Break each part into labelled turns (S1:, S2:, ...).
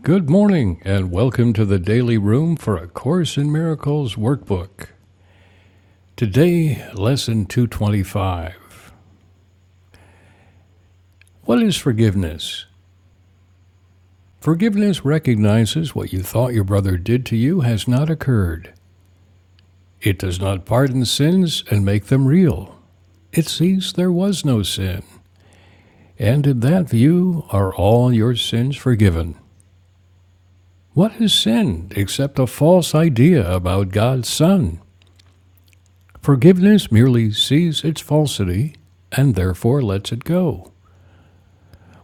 S1: Good morning, and welcome to the Daily Room for A Course in Miracles workbook. Today, Lesson 225. What is forgiveness? Forgiveness recognizes what you thought your brother did to you has not occurred. It does not pardon sins and make them real. It sees there was no sin, and in that view are all your sins forgiven. What is sin except a false idea about God's Son? Forgiveness merely sees its falsity and therefore lets it go.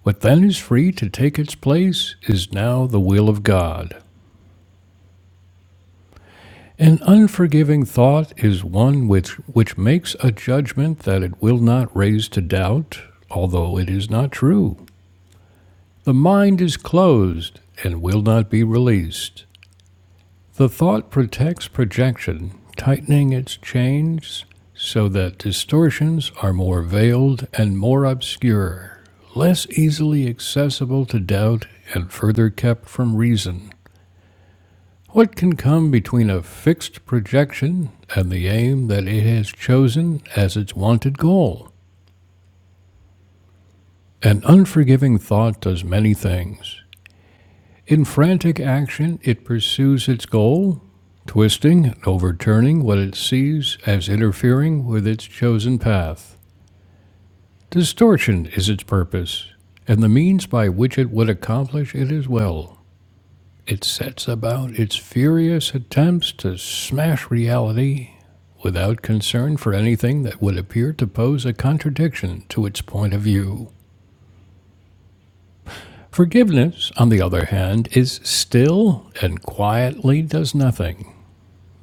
S1: What then is free to take its place is now the will of God. An unforgiving thought is one which, which makes a judgment that it will not raise to doubt, although it is not true. The mind is closed and will not be released. The thought protects projection, tightening its chains so that distortions are more veiled and more obscure, less easily accessible to doubt and further kept from reason. What can come between a fixed projection and the aim that it has chosen as its wanted goal? An unforgiving thought does many things. In frantic action, it pursues its goal, twisting and overturning what it sees as interfering with its chosen path. Distortion is its purpose, and the means by which it would accomplish it as well. It sets about its furious attempts to smash reality without concern for anything that would appear to pose a contradiction to its point of view. Forgiveness, on the other hand, is still and quietly does nothing.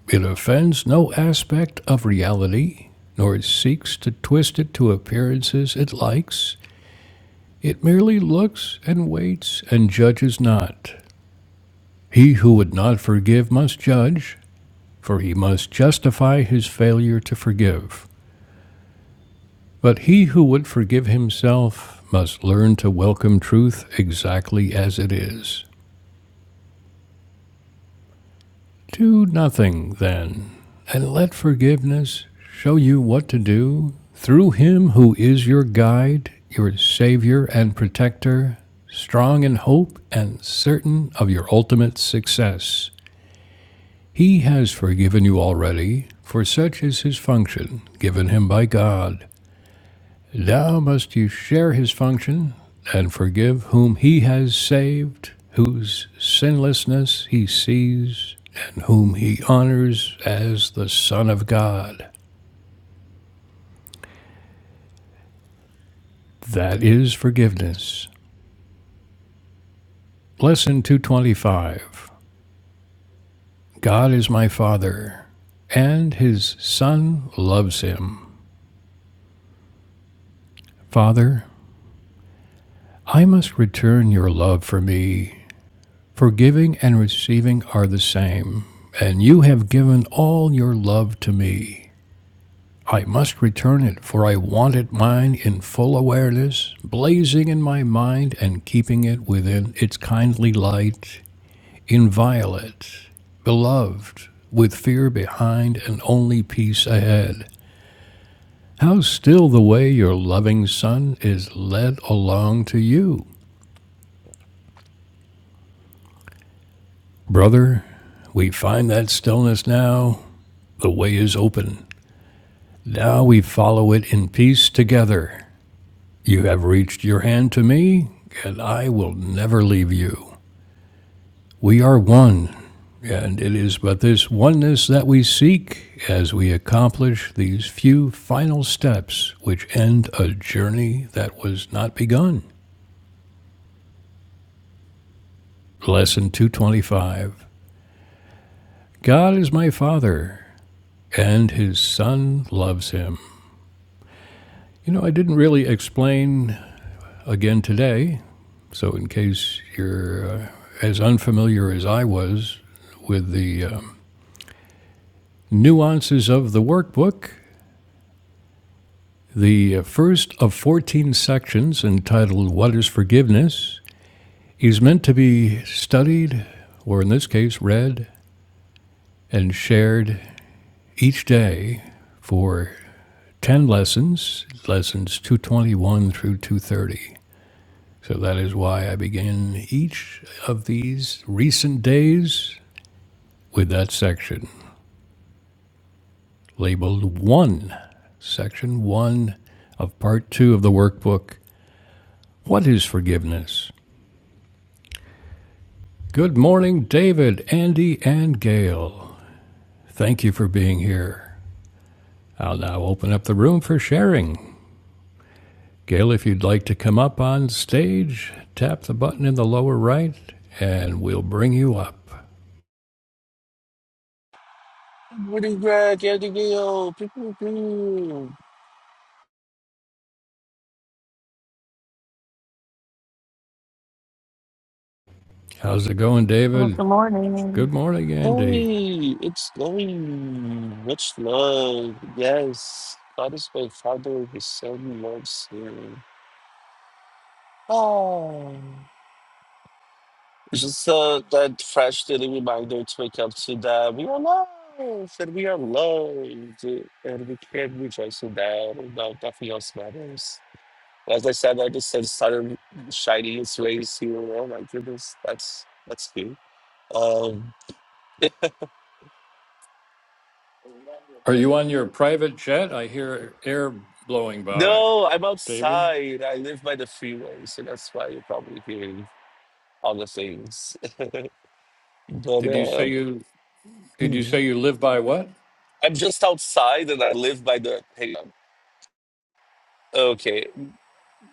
S1: It offends no aspect of reality, nor seeks to twist it to appearances it likes. It merely looks and waits and judges not. He who would not forgive must judge, for he must justify his failure to forgive. But he who would forgive himself must learn to welcome truth exactly as it is. Do nothing, then, and let forgiveness show you what to do through him who is your guide, your savior and protector, strong in hope and certain of your ultimate success. He has forgiven you already, for such is his function given him by God. Now must you share his function and forgive whom he has saved, whose sinlessness he sees, and whom he honors as the Son of God. That is forgiveness. Lesson 225 God is my Father, and his Son loves him. Father, I must return your love for me. Forgiving and receiving are the same, and you have given all your love to me. I must return it, for I wanted mine in full awareness, blazing in my mind and keeping it within its kindly light, inviolate, beloved, with fear behind and only peace ahead. How still the way your loving son is led along to you. Brother, we find that stillness now. The way is open. Now we follow it in peace together. You have reached your hand to me, and I will never leave you. We are one, and it is but this oneness that we seek as we accomplish these few final steps which end a journey that was not begun. Lesson 225 God is my Father, and His Son loves Him. You know, I didn't really explain again today, so in case you're uh, as unfamiliar as I was with the uh, Nuances of the Workbook, the first of 14 sections entitled What is Forgiveness, is meant to be studied, or in this case, read and shared each day for 10 lessons, lessons 221 through 230. So that is why I begin each of these recent days with that section labeled 1, section 1 of part 2 of the workbook What is forgiveness? Good morning, David, Andy, and Gail. Thank you for being here. I'll now open up the room for sharing. Gail, if you'd like to come up on stage, tap the button in the lower right and we'll bring you up.
S2: Morning, Greg, Abigail, pew, pew, pew.
S1: How's it going,
S3: Oh,
S1: David?
S3: good morning.
S1: Good morning, Andy.
S2: Hey, it's going. Much love. Yes. God is my father, his son loves you. Oh. It's just uh, that fresh daily reminder to wake up to that we are loved and we are loved and we can rejoice in that and that nothing else matters. As I said, I just said started shining its rays here. Oh my goodness, that's that's good. Um,
S1: Are you on your private jet? I hear air blowing by.
S2: No, I'm
S1: David,
S2: outside. I live by the freeway, so that's why you're probably hearing all the things. But
S1: did you
S2: uh,
S1: say you did you
S2: mm,
S1: say you live by what?
S2: I'm just outside, and I live by the. Hang on. Okay,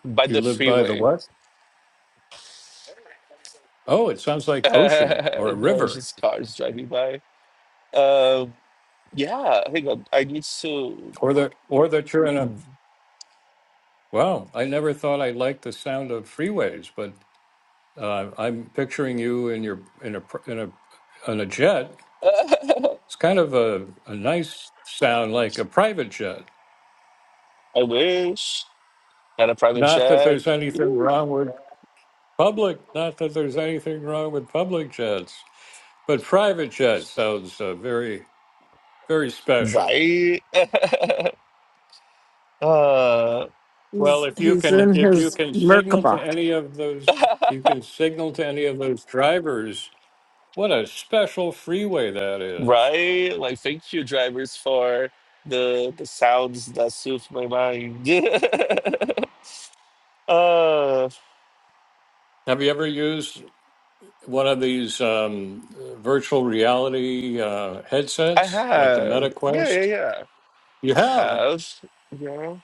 S2: by
S1: You
S2: the
S1: live by the
S2: freeway.
S1: what? Oh, it sounds like ocean or a
S2: no, it's
S1: river.
S2: just cars driving by. Um, yeah, hang on. I need to.
S1: Or that, or that you're in a,
S2: Mm.
S1: wow, I never thought I liked the sound of freeways, but uh, I'm picturing you in your in a pr- in a on a jet. It's kind of a, a nice sound, like a private jet.
S2: I wish had a private
S1: Not that
S2: jet.
S1: there's anything
S2: Ooh,
S1: wrong with public. Not that there's anything wrong with public jets, but private jet sounds uh, very very special.
S2: Right. uh,
S1: Well,
S3: He's
S1: if you
S3: he's
S1: can
S3: in
S1: if you
S3: his
S1: can signal to
S3: Merkaba.
S1: any of those, if you can signal to any of those drivers What a special freeway that is.
S2: Right? Like, thank you, drivers, for the the sounds that soothe my mind. uh,
S1: Have you ever used one of these um, virtual reality uh,
S2: I
S1: headsets like the
S2: have.
S1: Meta
S2: Yeah, yeah,
S1: Quest?
S2: yeah.
S1: You
S2: I
S1: have.
S2: have. Yeah.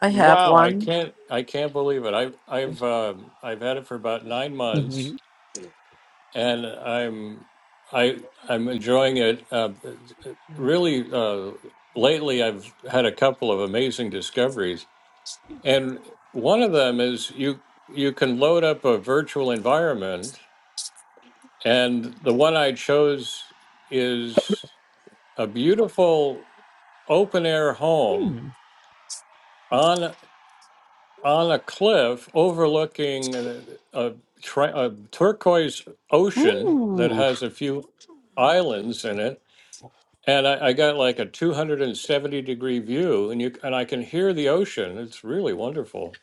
S3: I have
S1: Wow, I
S3: one.
S1: can't I can't believe it. I've I've um I've had it for about 9 months
S2: Mhm.
S1: and I'm I I'm enjoying it. Uh, really uh, lately I've had a couple of amazing discoveries and one of them is you you can load up a virtual environment And the one I chose is a beautiful open air home
S2: mm
S1: on on a cliff overlooking uh, a, tri- a turquoise ocean that
S2: Ooh,
S1: has a few islands in it. And I, I got like a 270 degree view, and you and I can hear the ocean. It's really wonderful.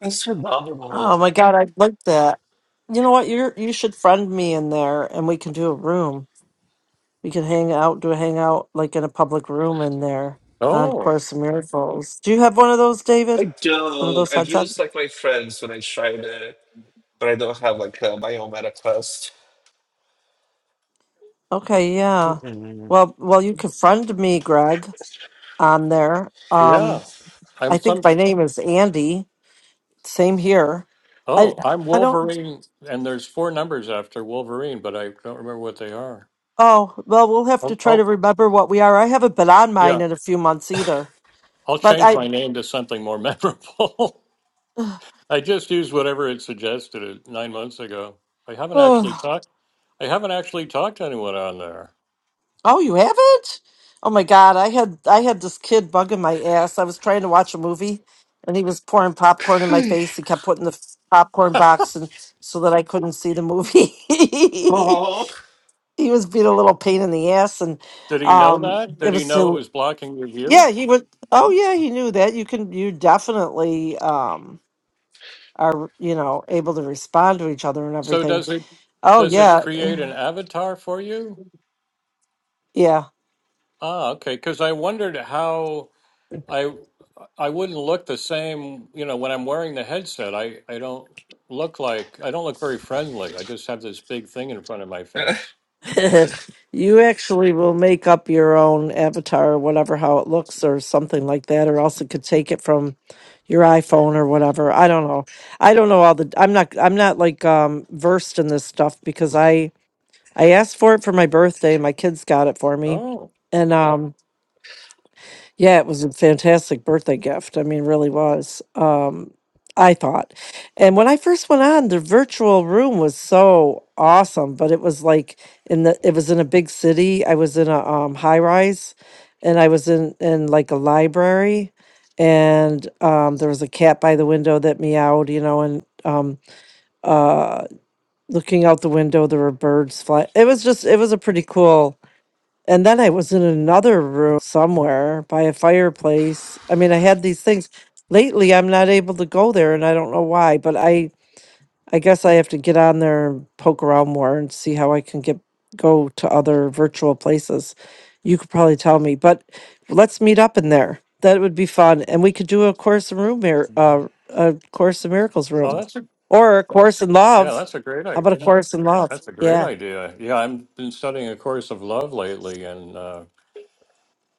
S2: that's phenomenal.
S3: Oh my god, I like that. You know what? You you should friend me in there, and we can do a room. We could hang out, do a hangout like in a public room in there on
S1: Oh
S3: Course in Miracles. Do you have one of those,
S2: I
S3: David? One of
S2: don't.
S3: those
S2: I've used
S3: headsets?
S2: like my friends when I tried it, but I don't have like uh, my own meta quest.
S3: Okay, yeah.
S2: Mhm.
S3: Well, well, you could friend me, Greg, on there.
S1: yeah,
S3: Um,
S1: I'm
S3: I
S1: some.
S3: think my name is Andy. Same here. I
S1: Oh, I'm
S3: I don't.
S1: Wolverine, and there's four numbers after Wolverine, but I don't remember what they are.
S3: Oh, well, we'll have to
S1: I'll,
S3: try
S1: I'll,
S3: to remember what we are. I haven't been on
S1: yeah,
S3: mine in a few months either.
S1: I'll
S3: But
S1: change
S3: I
S1: my name to something more memorable.
S3: oh,
S1: I just used whatever it suggested it nine months ago. I haven't actually talked. I haven't actually talked to anyone on there.
S3: oh, you haven't? Oh my God, I had I had this kid bugging my ass. I was trying to watch a movie and he was pouring popcorn in my face. He kept putting the popcorn box in so that I couldn't see the movie.
S2: Oh.
S3: he was being a little pain in the ass and
S1: Did he know
S3: um
S1: that? Did
S3: it
S1: he
S3: was
S1: know it
S3: still
S1: was blocking your view?
S3: yeah, he would oh yeah, he knew that. You can you definitely um, are you know able to respond to each other and
S1: So
S3: everything
S1: does it
S3: oh
S1: does it
S3: yeah
S1: create an avatar for you?
S3: yeah
S1: Ah, okay. Because I wondered how I I wouldn't look the same. You know, when I'm wearing the headset, I I don't look like I don't look very friendly. I just have this big thing in front of my
S2: oh,
S1: face.
S3: you actually will make up your own avatar or whatever how it looks or something like that or else it could take it from your iphone or whatever i don't know i don't know all the i'm not i'm not like um versed in this stuff because i i asked for it for my birthday my kids got it for me
S1: Oh.
S3: and Yeah. um Yeah, it was a fantastic birthday gift. I mean, really was. Um, I thought. And when I first went on, the virtual room was so awesome, but it was like in the it was in a big city. I was in a um high rise and I was in in like a library and um there was a cat by the window that meowed, you know, and um uh looking out the window there were birds fly. It was just it was a pretty cool and then I was in another room somewhere by a fireplace. I mean, I had these things. Lately, I'm not able to go there, and I don't know why. But I, I guess I have to get on there and poke around more and see how I can get go to other virtual places. You could probably tell me, but let's meet up in there. That would be fun, and we could do a course in room mir- uh, a course in miracles
S1: Oh,
S3: room,
S1: that's a
S3: or a course in
S1: yeah,
S3: love.
S1: that's a great
S3: How
S1: idea.
S3: about a course in love?
S1: That's a great
S3: Yeah.
S1: idea. Yeah, I've been studying A Course of Love lately and uh,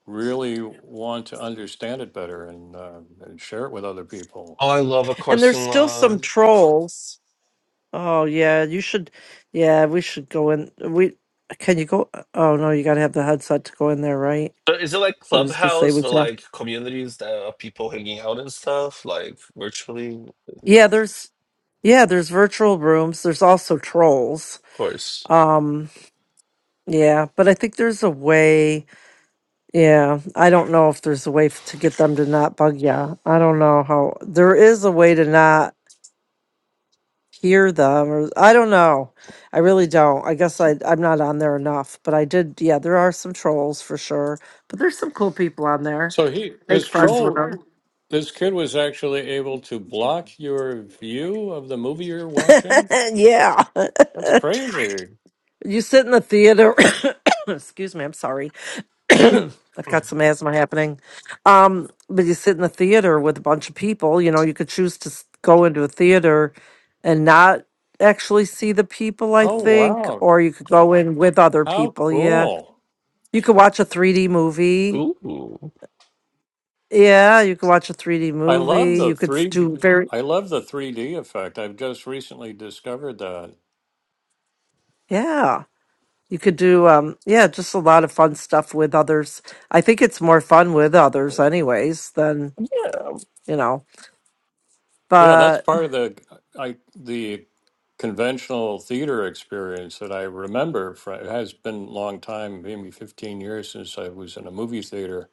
S1: really want to understand it better and, uh, and share it with other people.
S2: I love A
S3: And
S2: Course
S3: there's
S2: in
S3: still
S2: Love.
S3: some trolls. Oh yeah, you should. Yeah, we should go in. We can you go? Oh no, you got to have the headset to go in there, right?
S2: So is it like
S3: So I was gonna say
S2: Clubhouse,
S3: we
S2: but
S3: could. have-
S2: like communities that are people hanging out and stuff, like virtually? Of
S3: Yeah, there's yeah, there's virtual rooms. There's also trolls.
S2: course.
S3: Um, yeah, but I think there's a way. Yeah, I don't know if there's a way f- to get them to not bug ya. I don't know how. There is a way to not. hear them or I don't know. I really don't. I guess I I'm not on there enough, but I did yeah, there are some trolls for sure. But there's some cool people on there.
S1: So he, this
S3: Make friends with
S1: troll,
S3: them.
S1: this kid was actually able to block your view of the movie you're watching.
S3: yeah.
S1: That's crazy.
S3: you sit in the theater excuse me, I'm sorry. I've got some asthma happening. Um, but you sit in the theater with a bunch of people, you know, you could choose to s- go into a theater and not actually see the people, I
S1: Oh
S2: Ooh.
S3: think,
S1: wow,
S3: or you could go in with other
S1: how
S3: people. Yeah
S1: cool!
S3: You could watch a 3D movie. Yeah, you could watch a 3D
S1: I love
S3: movie.
S1: the
S3: You could s-
S1: three.
S3: do very
S1: I love the 3D effect. I've just recently discovered that.
S3: yeah. You could do um yeah, just a lot of fun stuff with others. I think it's more fun with others anyways than,
S2: Yeah.
S3: you know.
S1: Yeah, that's
S3: But
S1: part of the I the conventional theater experience that I remember from it has been a long time, maybe 15 years since I was in a movie theater.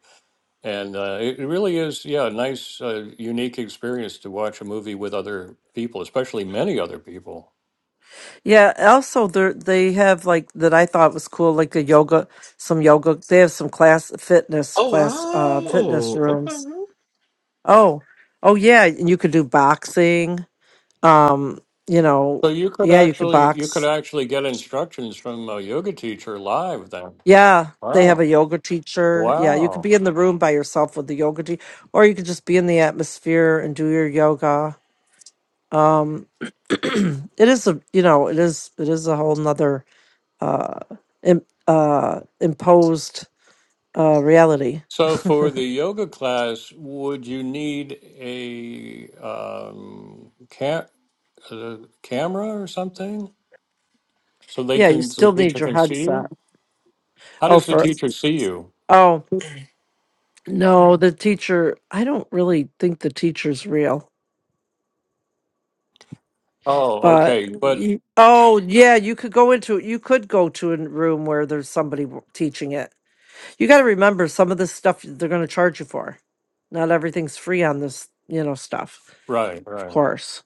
S1: And uh, it it really is, yeah, a nice, uh, unique experience to watch a movie with other people, especially many other people.
S3: yeah, also they they have like that I thought was cool like a yoga some yoga they have some class fitness class uh fitness
S2: Oh wow.
S3: rooms. Oh. Oh yeah, and you could do boxing. Um, you know,
S1: So you could
S3: yeah, you could
S1: actually you
S3: box
S1: could actually get instructions from a yoga teacher live then.
S3: Yeah, they have
S1: Wow.
S3: a yoga teacher. Yeah, you could
S1: Wow.
S3: be in the room by yourself with the yoga teacher, or you could just be in the atmosphere and do your yoga. Um, it is a you know it is it is a whole nother uh, im- uh, imposed uh, reality.
S1: So, for the yoga class, would you need a um, ca- a camera or something so they
S3: yeah, you
S1: can so the
S3: still need
S1: teacher
S3: your
S1: can see you?
S3: headset.
S1: How
S3: Oh,
S1: does the
S3: for
S1: teacher see you?
S3: oh no, the teacher. I don't really think the teacher's real.
S1: Oh, okay,
S3: But
S1: but
S3: you, oh yeah, you could go into you could go to a room where there's somebody w- teaching it. You got to remember some of this stuff they're going to charge you for. Not everything's free on this, you know, stuff.
S1: right,
S3: Of
S1: right.
S3: course.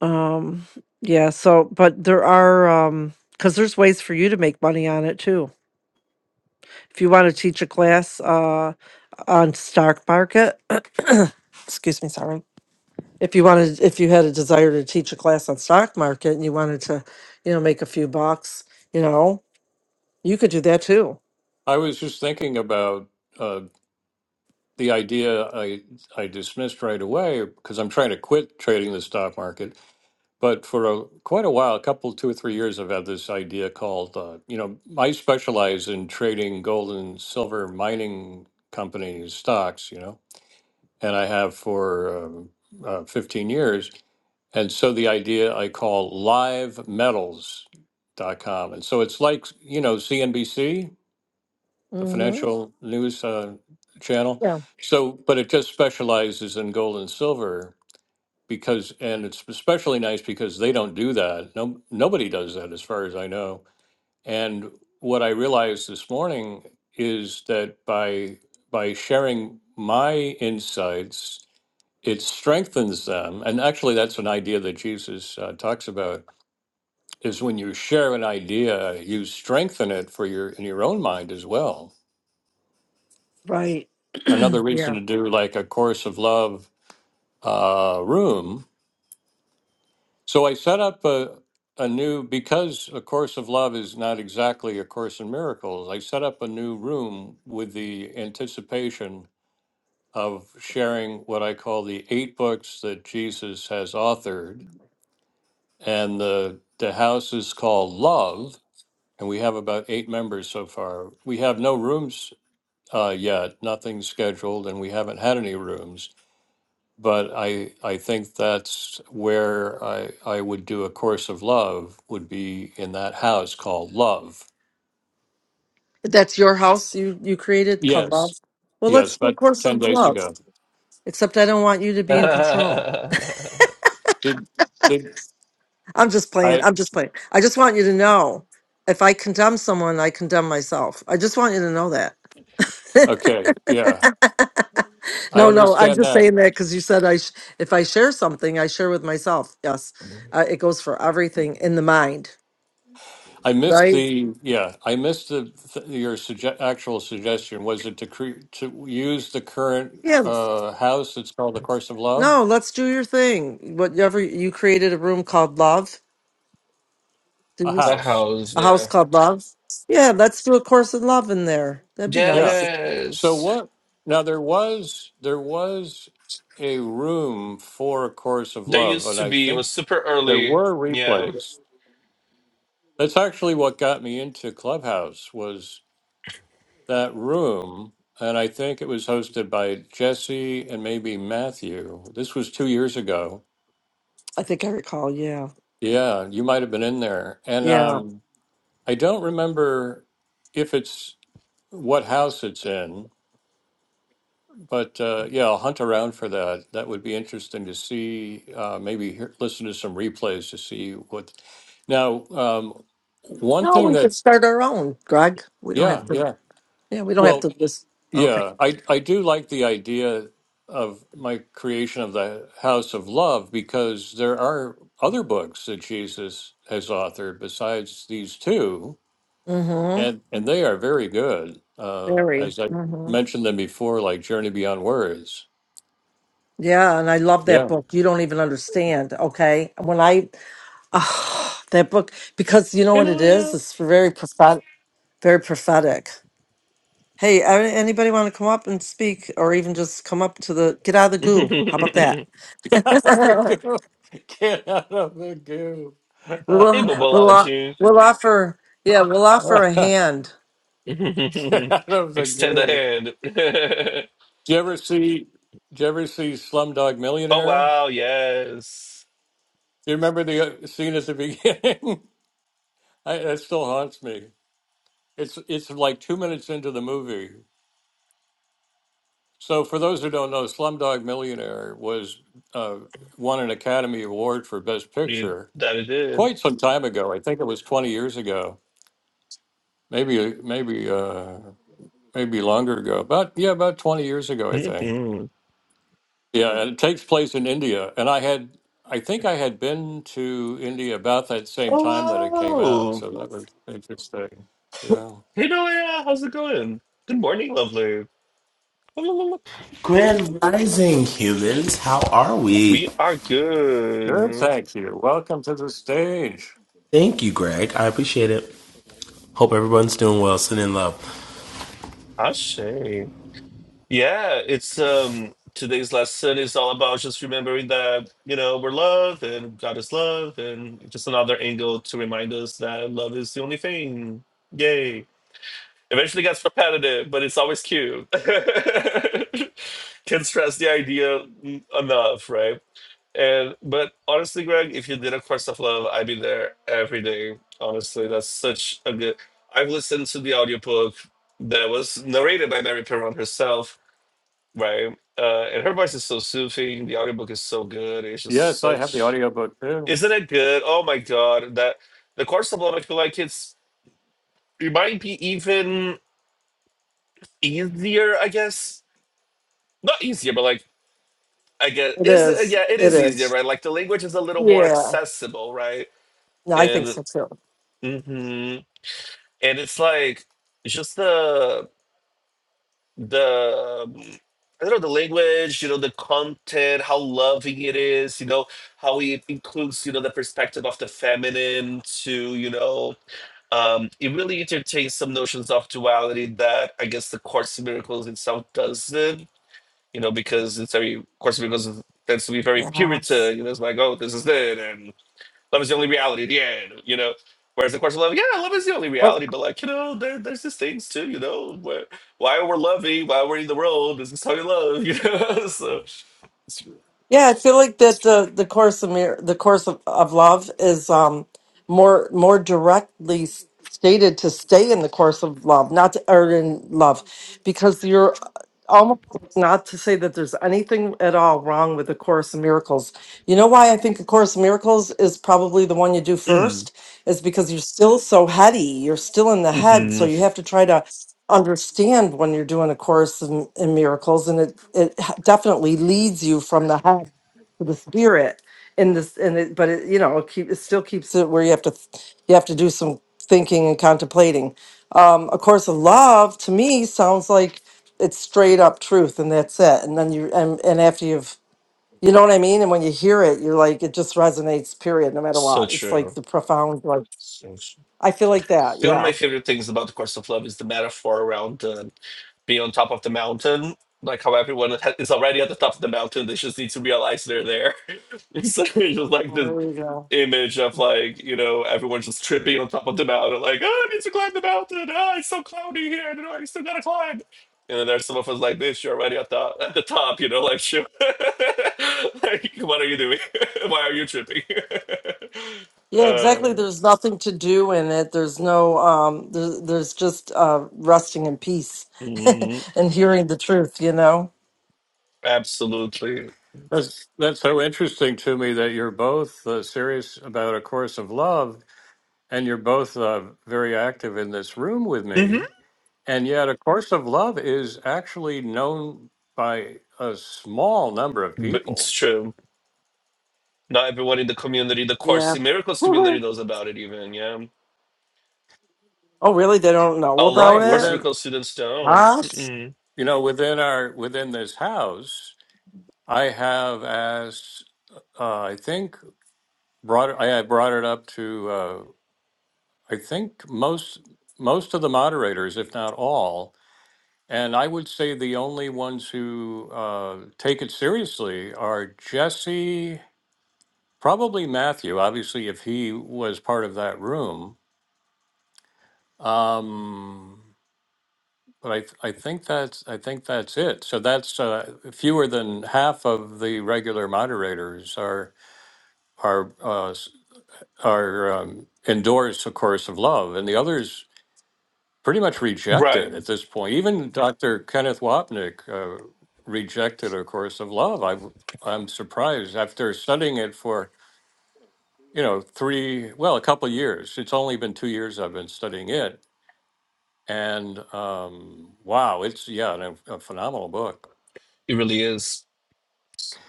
S3: Um yeah, so but there are um cuz there's ways for you to make money on it too. If you want to teach a class uh on stock market, excuse me, sorry if you wanted if you had a desire to teach a class on stock market and you wanted to you know make a few bucks you know you could do that too
S1: I was just thinking about uh, the idea I I dismissed right away because I'm trying to quit trading the stock market but for a, quite a while, a couple, two or three years, I've had this idea called, uh, you know, I specialize in trading gold and silver mining companies stocks, you know, and I have for um, uh, 15 years. And so the idea I call live metals dot com, And so it's like, you know, CNBC, the
S3: hmm
S1: financial news uh, channel.
S3: yeah
S1: So, but it just specializes in gold and silver because and it's especially nice because they don't do that no nobody does that as far as i know and what i realized this morning is that by by sharing my insights it strengthens them and actually that's an idea that jesus uh, talks about is when you share an idea you strengthen it for your in your own mind as well
S3: right
S1: another reason
S3: yeah
S1: to do like a course of love uh, room So I set up a, a new, because A Course of Love is not exactly A Course in Miracles, I set up a new room with the anticipation of sharing what I call the eight books that Jesus has authored. And the, the house is called Love, and we have about eight members so far. We have no rooms uh, yet, nothing scheduled, and we haven't had any rooms but I I think that's where I I would do a course of love would be in that house called Love.
S3: that's your house you you created called
S1: Yes,
S3: love well
S1: yes,
S3: let's do a
S1: but
S3: course
S1: ten
S3: of
S1: days
S3: love
S1: ago.
S3: except i don't want you to be in control
S2: Okay.
S1: Did did
S3: i'm just playing
S1: I?
S3: i'm just playing i just want you to know if i condemn someone i condemn myself i just want you to know that
S1: Okay, yeah, I
S3: no, no, I'm
S1: understand
S3: just
S1: that.
S3: saying that because you said I, sh- if I share something, I share with myself. Yes, uh, it goes for everything in the mind,
S1: I missed
S3: right?
S1: the yeah. I missed the th- your suge- actual suggestion. Was it to cre- to use the current
S3: Yes.
S1: uh, house? It's called the Course of Love,
S3: No, let's do your thing. Whatever you created a room called Love, Did
S1: a
S3: you s-
S2: The
S1: house.
S2: house,
S3: a house
S2: yeah.
S3: called Love. Yeah, let's do a course in love in there. That'd be
S1: Yeah.
S3: nice.
S1: So
S2: Yes.
S1: what? Now there was there was a room for a course of
S2: There
S1: love,
S2: used
S1: and
S2: to
S1: I
S2: be, it
S1: think
S2: was super
S1: there
S2: early.
S1: were
S2: Yeah.
S1: replays. That's actually what got me into Clubhouse was that room, and I think it was hosted by Jesse and maybe Matthew. This was two years ago.
S3: I think I recall. Yeah,
S1: Yeah, you might have been in there, and
S3: yeah.
S1: um, I don't remember if it's what house it's in. But uh, yeah, I'll hunt around for that. That would be interesting to see. Uh, maybe hear, listen to some replays to see what. Now, um, one
S3: No,
S1: thing
S3: we
S1: that
S3: could start our own, Greg. We don't have
S1: yeah,
S3: to.
S1: yeah.
S3: Yeah, we don't have
S1: Well,
S3: to just. Okay.
S1: yeah, I I do like the idea of my creation of the House of Love because there are other books that Jesus has authored besides these two,
S3: Mm-hmm.
S1: and and they are very good. Uh,
S3: Very.
S1: as I
S3: mm-hmm.
S1: mentioned them before, like Journey Beyond Words.
S3: Yeah, and I love
S1: Yeah.
S3: that book. You don't even understand, okay? When I ah, that book because you know
S2: You
S3: what it is?
S2: know,
S3: It's very prophetic, very prophetic. Hey, a- anybody want to come up and speak or even just come up to the get out of the
S2: yeah.
S3: goo? How about
S2: hey,
S3: that?
S1: Get out of the goo. Get out of the goo.
S3: we'll we'll o-
S2: Bobolaji.
S3: we'll offer yeah, we'll offer a hand.
S1: Get out of the
S2: Extend a
S1: goo.
S2: hand.
S1: Do you ever see? Do you ever see Slumdog
S2: oh
S1: Millionaire?
S2: wow, yes.
S1: Do you remember the uh, scene at the beginning? I, that still haunts me. It's it's like two minutes into the movie. So for those who don't know, Slumdog Millionaire was uh, won an Academy Award for Best
S2: You,
S1: Picture
S2: that it did.
S1: quite some time ago. I think it was twenty years ago, maybe maybe. Uh, maybe longer ago, about yeah, about 20 years ago, I think.
S2: Mhm.
S1: Yeah, and it takes place in India. And I had, I think I had been to India about that same time that it came
S2: oh,
S1: out.
S2: wow.
S1: So that was interesting. Yeah.
S2: Hey, Noah, how's it going? Good morning, lovely.
S4: Grand Rising humans, how are we?
S2: We are
S1: Good.
S2: good.
S1: Thank you. Welcome to the stage.
S4: Thank you, Greg. I appreciate it. Hope everyone's doing well, sending in love.
S2: I say. Yeah, it's um today's lesson is all about just remembering that, you know, we're love and God is love and just another angle to remind us that love is the only thing. Yay. Eventually gets repetitive, but it's always cute. Can't stress the idea enough, right? And but honestly, Greg, if you did a course of love, I'd be there every day. Honestly, that's such a good. I've listened to the audiobook that was narrated by Mary Perron herself, right? Uh, and her voice is so soothing. The audiobook is so good. It's just
S1: Yes, I have the
S2: such.
S1: audiobook too.
S2: Isn't it good? Oh my God, that the course of love. I feel like it's it might be even easier. I guess not easier, but like I guess
S3: It
S2: is it,
S3: is.
S2: yeah, it
S3: It
S2: is easier,
S3: is.
S2: right? Like the language is a little more
S3: Yeah.
S2: accessible, right?
S3: No, I think
S2: And
S3: so too.
S2: hmm And it's like just the the mm, I don't know the language, you know, the content, how loving it is, you know, how it includes, you know, the perspective of the feminine to, you know, um, it really entertains some notions of duality that I guess the Course in Miracles itself doesn't, you know, because it's very Course in Miracles is- tends to be very
S3: Yes.
S2: Puritan, you know, it's like, oh, this is it, love is the only reality at the end, you know. Whereas the question of course love, yeah, love is the only reality, but like, you know, there, there's these things too, you know, where why we're loving, why we're in the world, this is how you love, you know. so it's-
S3: Yeah, I feel like that the the course of Mir- the course of, of love is um more more directly s- stated to stay in the course of love, not to, or in love, because you're uh, almost not to say that there's anything at all wrong with the course of miracles. You know why I think the course of miracles is probably the one you do first
S2: mm,
S3: is because you're still so heady. You're still in the head. So
S2: hmm
S3: you have to try to understand when you're doing a course in, in miracles. And it, it h- definitely leads you from the head to the spirit in this, and it, but it, you know, it, keep, it still keeps it where you have to, th- you have to do some thinking and contemplating. Um, a course of love to me sounds like it's straight up truth and that's it. And then you, and, and after you've, you know what I mean? And when you hear it, you're like, it just resonates, period, no matter
S2: so
S3: what. It's like
S2: true.
S3: the profound, like,
S2: So true.
S3: I feel like
S2: I
S3: that.
S2: think one of my
S3: Yeah.
S2: favorite things about the course of love is the metaphor around uh, be on top of the mountain, like how everyone ha- is already at the top of the mountain. They just need to realize they're there. it's like- it's just like this
S3: There we go.
S2: image of like you know everyone just tripping on top of the mountain, like oh, I need to climb the mountain. Oh, it's so cloudy here. I don't know. I still gotta climb. And then there's some of us like this. You're already at the at the top. You know, like shoot. like what are you doing? Why are you tripping?
S3: Yeah,
S2: uh,
S3: exactly. There's nothing to do in it. There's no, um, there's, there's just uh, resting in peace
S2: mhm,
S3: and hearing the truth, you know?
S2: absolutely.
S1: That's, that's so interesting to me that you're both uh, serious about A Course of Love and you're both uh, very active in this room with
S2: hmm
S1: me. And yet, A Course of Love is actually known by a small number of
S2: But it's
S1: people.
S2: true. Not everyone in the community, the Course
S3: Yeah.
S2: in Miracles community knows about it even, yeah.
S3: Oh, really? They don't
S2: A
S3: know
S2: lot
S3: about
S1: Right
S2: of Course in
S3: it?
S1: within,
S2: Miracles students don't.
S3: What?
S2: Mm-mm.
S1: you know, within our within this house, I have asked. Uh, I think brought it- I I brought it up to. Uh, I think most most of the moderators, if not all, and I would say the only ones who uh, take it seriously are Jesse, probably Matthew. Obviously, if he was part of that room Um, but I th- I think that's I think that's it. So that's uh, fewer than half of the regular moderators are are uh, s- are um, endorse a course of love, and the others pretty much reject
S2: Right.
S1: it at this point. Even Dr. Kenneth Wapnick uh, rejected a course of love. I w- I'm surprised after studying it for you know three well a couple years. It's only been two years I've been studying it And um, wow, it's yeah, and a, a phenomenal book.
S2: It really is.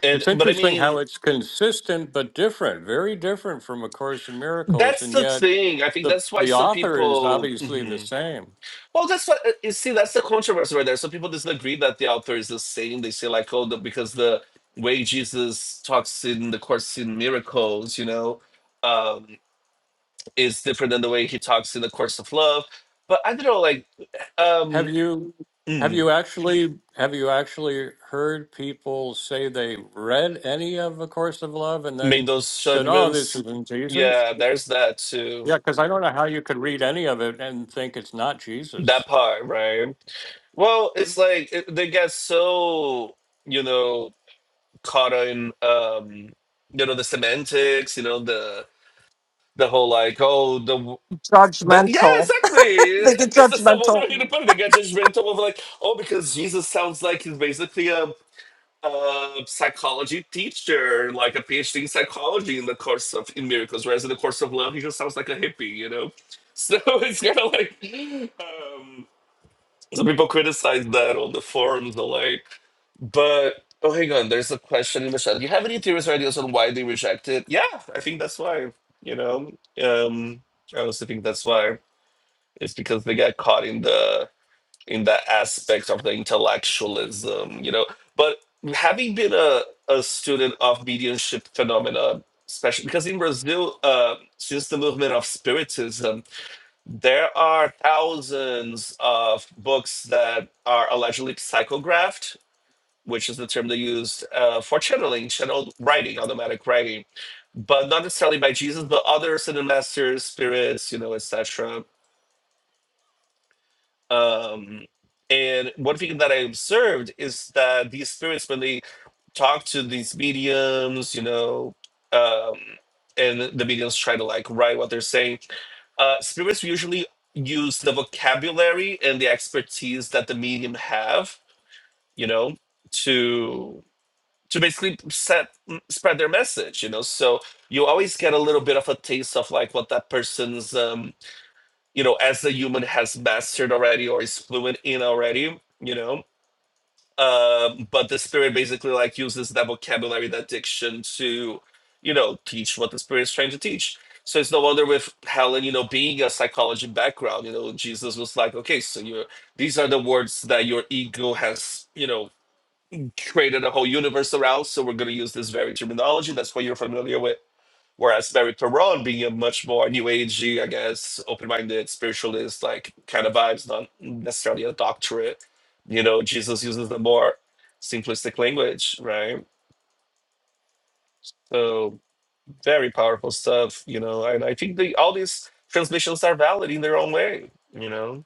S2: And
S1: It's
S2: but I
S1: interesting how
S2: mean,
S1: it's consistent but different, very different from A Course in Miracles,
S2: that's
S1: and
S2: the
S1: yet
S2: thing. I think
S1: the
S2: that's why
S1: the
S2: some
S1: author is
S2: people
S1: obviously the
S2: Mhm.
S1: same.
S2: Well, that's what uh, you see, that's the controversy right there. Some people disagree that the author is the same. They say like, oh, the, because the way Jesus talks in the Course in Miracles, you know, um, is different than the way he talks in the Course of Love. But I don't know, like um
S1: Have you
S2: mm.
S1: have you actually have you actually heard people say they read any of A Course of Love and
S2: made
S1: then
S2: those
S1: said, "Oh, this
S2: judgments.
S1: isn't Jesus"?
S2: Yeah, there's that too.
S1: Yeah, because I don't know how you could read any of it and think it's not Jesus.
S2: That part, right? Well, it's like it, they get so you know caught in um you know the semantics, you know the the whole like oh the. The, yeah,
S3: Judgmental.
S2: exactly.
S3: they
S2: I
S3: get
S2: guess that's the one
S3: judgmental.
S2: way to put it. They get judgmental of like, oh, because Jesus sounds like he's basically a a psychology teacher, like a PhD in psychology in the course of in miracles, whereas in the course of love, he just sounds like a hippie, you know. So it's kind of like um, some people criticize that on the forums, the like. But oh, hang on, there's a question in the chat. Do you have any theories or ideas on why they reject it? Yeah, I think that's why. You know, um, I also think that's why. It's because they got caught in the in that aspect of the intellectualism, you know. But having been a, a student of mediumship phenomena, especially because in Brazil, uh, since the movement of Spiritism, there are thousands of books that are allegedly psychographed, which is the term they used uh, for channeling, channeled writing, automatic writing, but not necessarily by Jesus, but other Ascended masters, spirits, you know, etc um, and one thing that I observed is that these spirits, when they talk to these mediums, you know, um, and the mediums try to like write what they're saying, uh, spirits usually use the vocabulary and the expertise that the medium have, you know, to to basically set spread their message, you know. So you always get a little bit of a taste of like what that person's um you know, as the human has mastered already or is fluent in already, you know. Um, but the spirit basically like uses that vocabulary, that diction to, you know, teach what the spirit is trying to teach. So it's no wonder with Helen, you know, being a psychology background, you know, Jesus was like, okay, so you're these are the words that your ego has, you know, created a whole universe around. So we're gonna use this very terminology. That's what you're familiar with Whereas Mary Perron being a much more new agey, I guess, open minded spiritualist, like kind of vibes, not necessarily a doctorate. You know, Jesus uses the more simplistic language, right? So very powerful stuff, you know, and I think the, all these transmissions are valid in their own way, you know,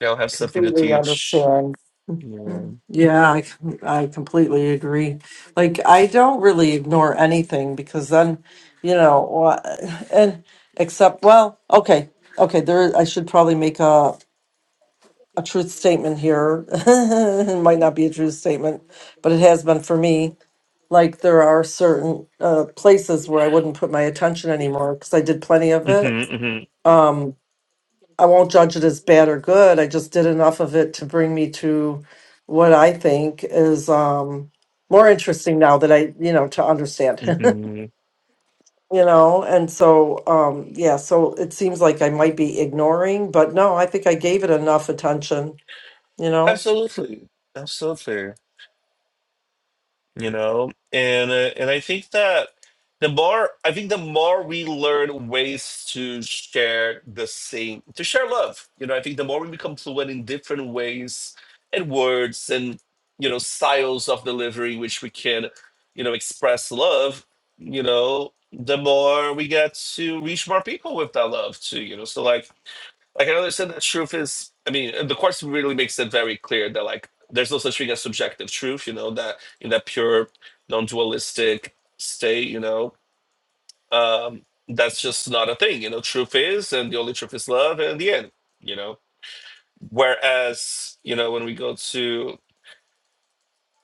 S2: they all have something to
S3: Completely
S2: teach.
S3: understand.
S2: Yeah.
S3: Mm. Yeah, I, com- I completely agree. Like, I don't really ignore anything because then, you know, wha- and except, well, okay, okay, there, I should probably make a, a truth statement here. It might not be a truth statement, but it has been for me. Like, there are certain uh, places where I wouldn't put my attention anymore because I did plenty of it.
S2: hmm hmm
S3: Um, I won't judge it as bad or good. I just did enough of it to bring me to what I think is um, more interesting now that I, you know, to understand, you
S2: hmm
S3: know. And so, um, yeah, so it seems like I might be ignoring, but no, I think I gave it enough attention, you know.
S2: Absolutely. Absolutely. you know and uh, and i think that the more i think the more we learn ways to share the same to share love you know i think the more we become fluent in different ways and words and you know styles of delivery which we can you know express love you know the more we get to reach more people with that love too you know so like like I can understand that truth is, I mean, the course really makes it very clear that like there's no such thing as subjective truth, you know, that in that pure, non-dualistic state, you know, um, that's just not a thing, you know, truth is, and the only truth is love, and the end, you know. Whereas, you know, when we go to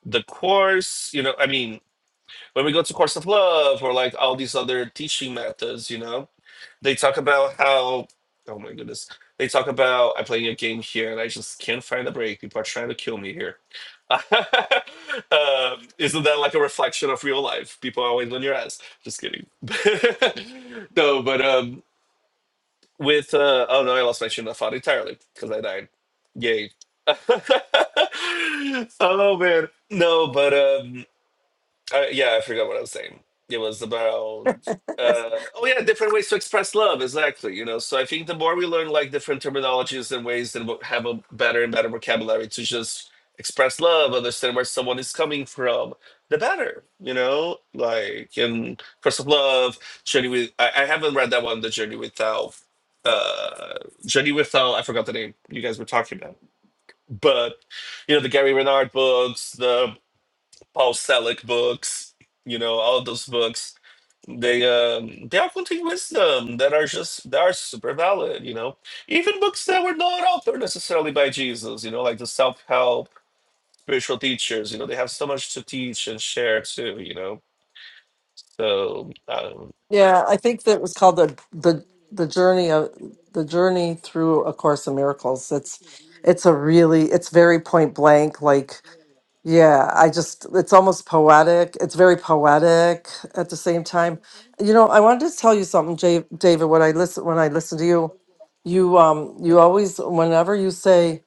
S2: the course, you know, I mean, when we go to course of love or like all these other teaching methods, you know, They talk about how, oh my goodness, they talk about I'm playing a game here and I just can't find a break. People are trying to kill me here. um, isn't that like a reflection of real life? People are always on your ass. Just kidding. no, but um, with uh, oh no, I lost my train of thought entirely because I died. Yay. oh man, no, but um. Uh, yeah, I forgot what I was saying. It was about uh, oh yeah, different ways to express love. Exactly. You know, so I think the more we learn like different terminologies and ways that we'll have a better and better vocabulary to just express love, understand where someone is coming from, the better. You know, like in First of Love, Journey with. I, I haven't read that one, The Journey Without. Uh, Journey Without. I forgot the name you guys were talking about, but you know the Gary Renard books, the Paul Selleck books, you know, all those books. They um they are contain wisdom that are just that are super valid, you know. Even books that were not authored necessarily by Jesus, you know, like the self-help spiritual teachers, you know, they have so much to teach and share too, you know. So um,
S3: Yeah, I think that was called the the the journey of the journey through a course in miracles. It's it's a really it's very point blank like Yeah, I just, it's almost poetic. It's very poetic at the same time. You know, I wanted to tell you something, Ja- David, when I listen, when I listen to you, you, um, you always, whenever you say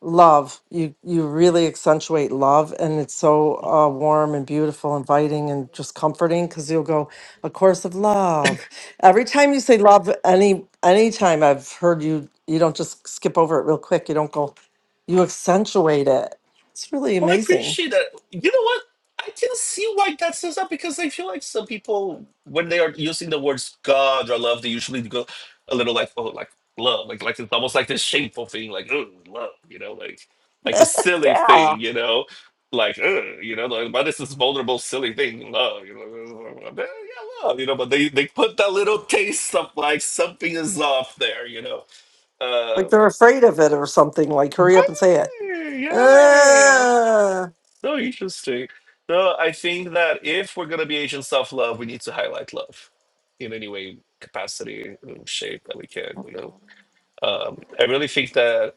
S3: love, you, you really accentuate love and it's so uh, warm and beautiful, inviting and just comforting because you'll go, a course of love. Every time you say love, any, any time I've heard you, you don't just skip over it real quick. You don't go, you accentuate it. It's really
S2: Oh, I
S3: amazing.
S2: appreciate that. You know what? I can see why that says that because I feel like some people, when they are using the words God or love, they usually go a little like, oh, like love, like like it's almost like this shameful thing, like oh, love, you know, like like the silly
S3: Yeah.
S2: thing, you know, like oh, you know, like but this is vulnerable, silly thing, love, you know, yeah, love, you know, but they they put that little taste of like something is off there, you know,
S3: Like
S2: uh,
S3: they're afraid of it or something. Like, hurry up and say it.
S2: right, yeah.
S3: Ah.
S2: So interesting. No, I think that if we're gonna be agents of love, we need to highlight love in any way, capacity, um, shape that we can. You know, um, I really think that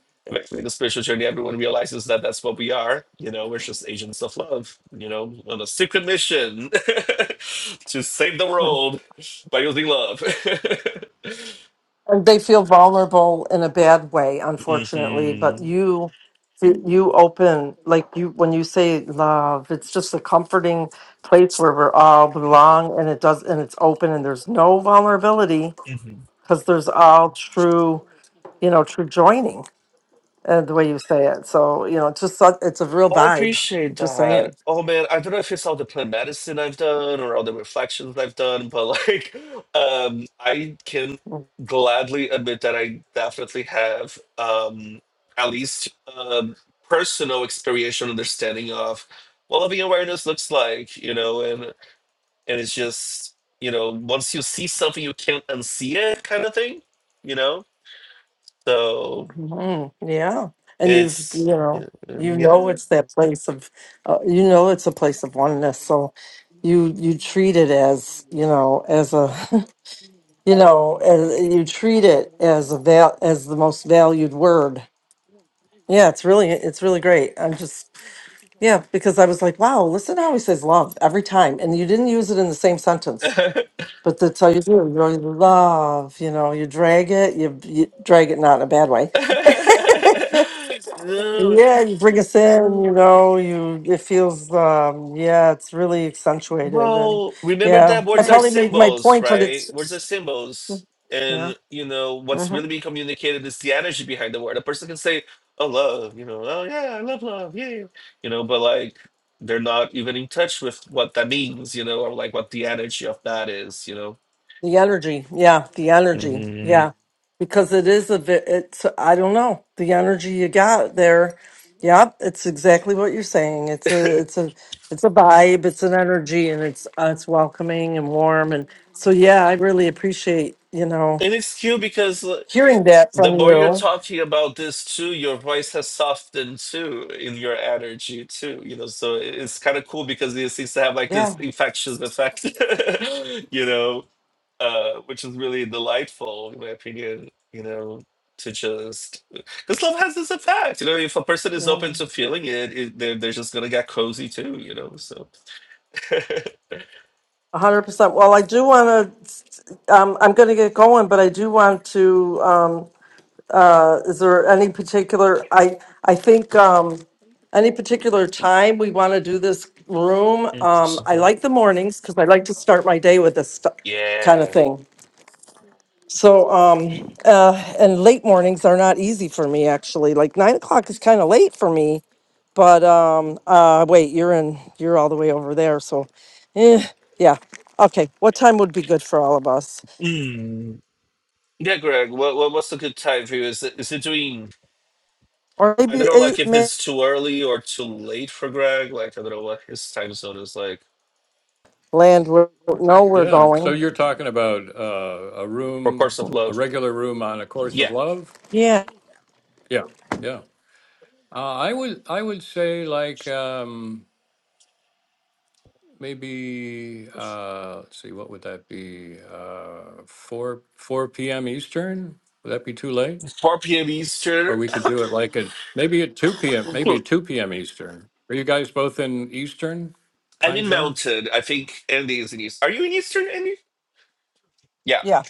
S2: in the spiritual journey, everyone realizes that that's what we are. You know, we're just agents of love. You know, on a secret mission to save the world by using love.
S3: And they feel vulnerable in a bad way, unfortunately. But
S2: hmm
S3: you, you open, like you, when you say love, it's just a comforting place where we're all belong and it does, and it's open and there's no vulnerability
S2: hmm
S3: because there's all true, you know, true joining and the way you say it. So, you know, it's just, such- it's a real
S2: I
S3: vibe.
S2: appreciate
S3: Just
S2: that.
S3: saying.
S2: Oh man, I don't know if it's all the plant medicine I've done or all the reflections I've done, but like, um, I can gladly admit that I definitely have um, at least um, personal experiential understanding of what loving awareness looks like, you know, and and it's just you know once you see something you can't unsee it kind of thing, you know. So
S3: Mhm, Yeah. And you've, you
S2: it's yeah.
S3: know, you know
S2: yeah.
S3: it's that place of, uh, you know, it's a place of oneness. So you you treat it as, you know, as a, you know, as, you treat it as a val as the most valued word. Yeah, it's really it's really great. I'm just yeah because I was like, wow, listen how he says love every time, and you didn't use it in the same sentence. But that's how you do it. You know, you love, you know, you drag it, you, you drag it not in a bad way.
S2: No,
S3: yeah, you bring us in, you know, you it feels um yeah, it's really accentuated and
S2: well, remember that
S3: yeah. I Yeah.
S2: words are
S3: probably made my
S2: symbols,
S3: point, but
S2: right? Words are
S3: it's
S2: symbols. And, you know, what's
S3: uh-huh.
S2: really being communicated is the energy behind the word. A person can say, oh, love, you know, oh, yeah, I love love, yeah. You know, but like, they're not even in touch with what that means, you know, or like what the energy of that is, you know.
S3: The energy, yeah, the energy,
S2: Mhm.
S3: yeah, because it is a bit. It's I don't know the energy you got there. Yeah, it's exactly what you're saying. It's a it's a it's a vibe. It's an energy, and it's uh, it's welcoming and warm. And so yeah, I really appreciate you know
S2: And it's cute because
S3: hearing that
S2: The
S3: from
S2: more you're
S3: you.
S2: talking about this too, your voice has softened too in your energy too, you know. So it- it's kind of cool because it seems to have like this
S3: Yeah,
S2: infectious effect, you know, uh, which is really delightful in my opinion, you know, to just because love has this effect, you know. If a person is open
S3: yeah.
S2: to feeling it, it they're, they're just gonna get cozy too, you know. So,
S3: a hundred percent. Well, I do want to. Um, I'm going to get going, but I do want to. Um, Uh, is there any particular, I, I think, um, any particular time we want to do this room? Um, I
S2: Impossible.
S3: like the mornings because I like to start my day with this stu- kind of
S2: yeah,
S3: thing. So, um, uh, and late mornings are not easy for me, actually. Like nine o'clock is kind of late for me. But um, uh, wait, you're in, you're all the way over there. So, eh, yeah. Okay, what time would be good for all of us?
S2: mm. yeah, Greg. What, what what's a good time for you? Is it is it doing?
S3: Or
S2: I don't
S3: maybe
S2: know, like
S3: eight,
S2: if
S3: may
S2: it's too early or too late for Greg. Like I don't know what his time zone is like.
S3: land, we don't know we're
S1: Yeah. So
S3: going.
S1: you're talking about uh, a
S2: For Course
S1: room,
S2: of
S1: a
S2: Love,
S1: regular room on A Course
S2: yeah,
S1: of Love?
S3: Yeah.
S1: Yeah. Yeah. Uh, I would I would say like um, maybe uh, let's see, what would that be? Uh, four four p.m. Eastern? Would that be too late?
S2: 4 p.m. Eastern.
S1: Or we could do it like at maybe at two p.m. Maybe at two p.m. Eastern. Are you guys both in Eastern
S2: I'm
S1: time
S2: in
S1: zone?
S2: Mountain. I think Andy is in East. Are you in Eastern, Andy? Yeah,
S3: Yeah,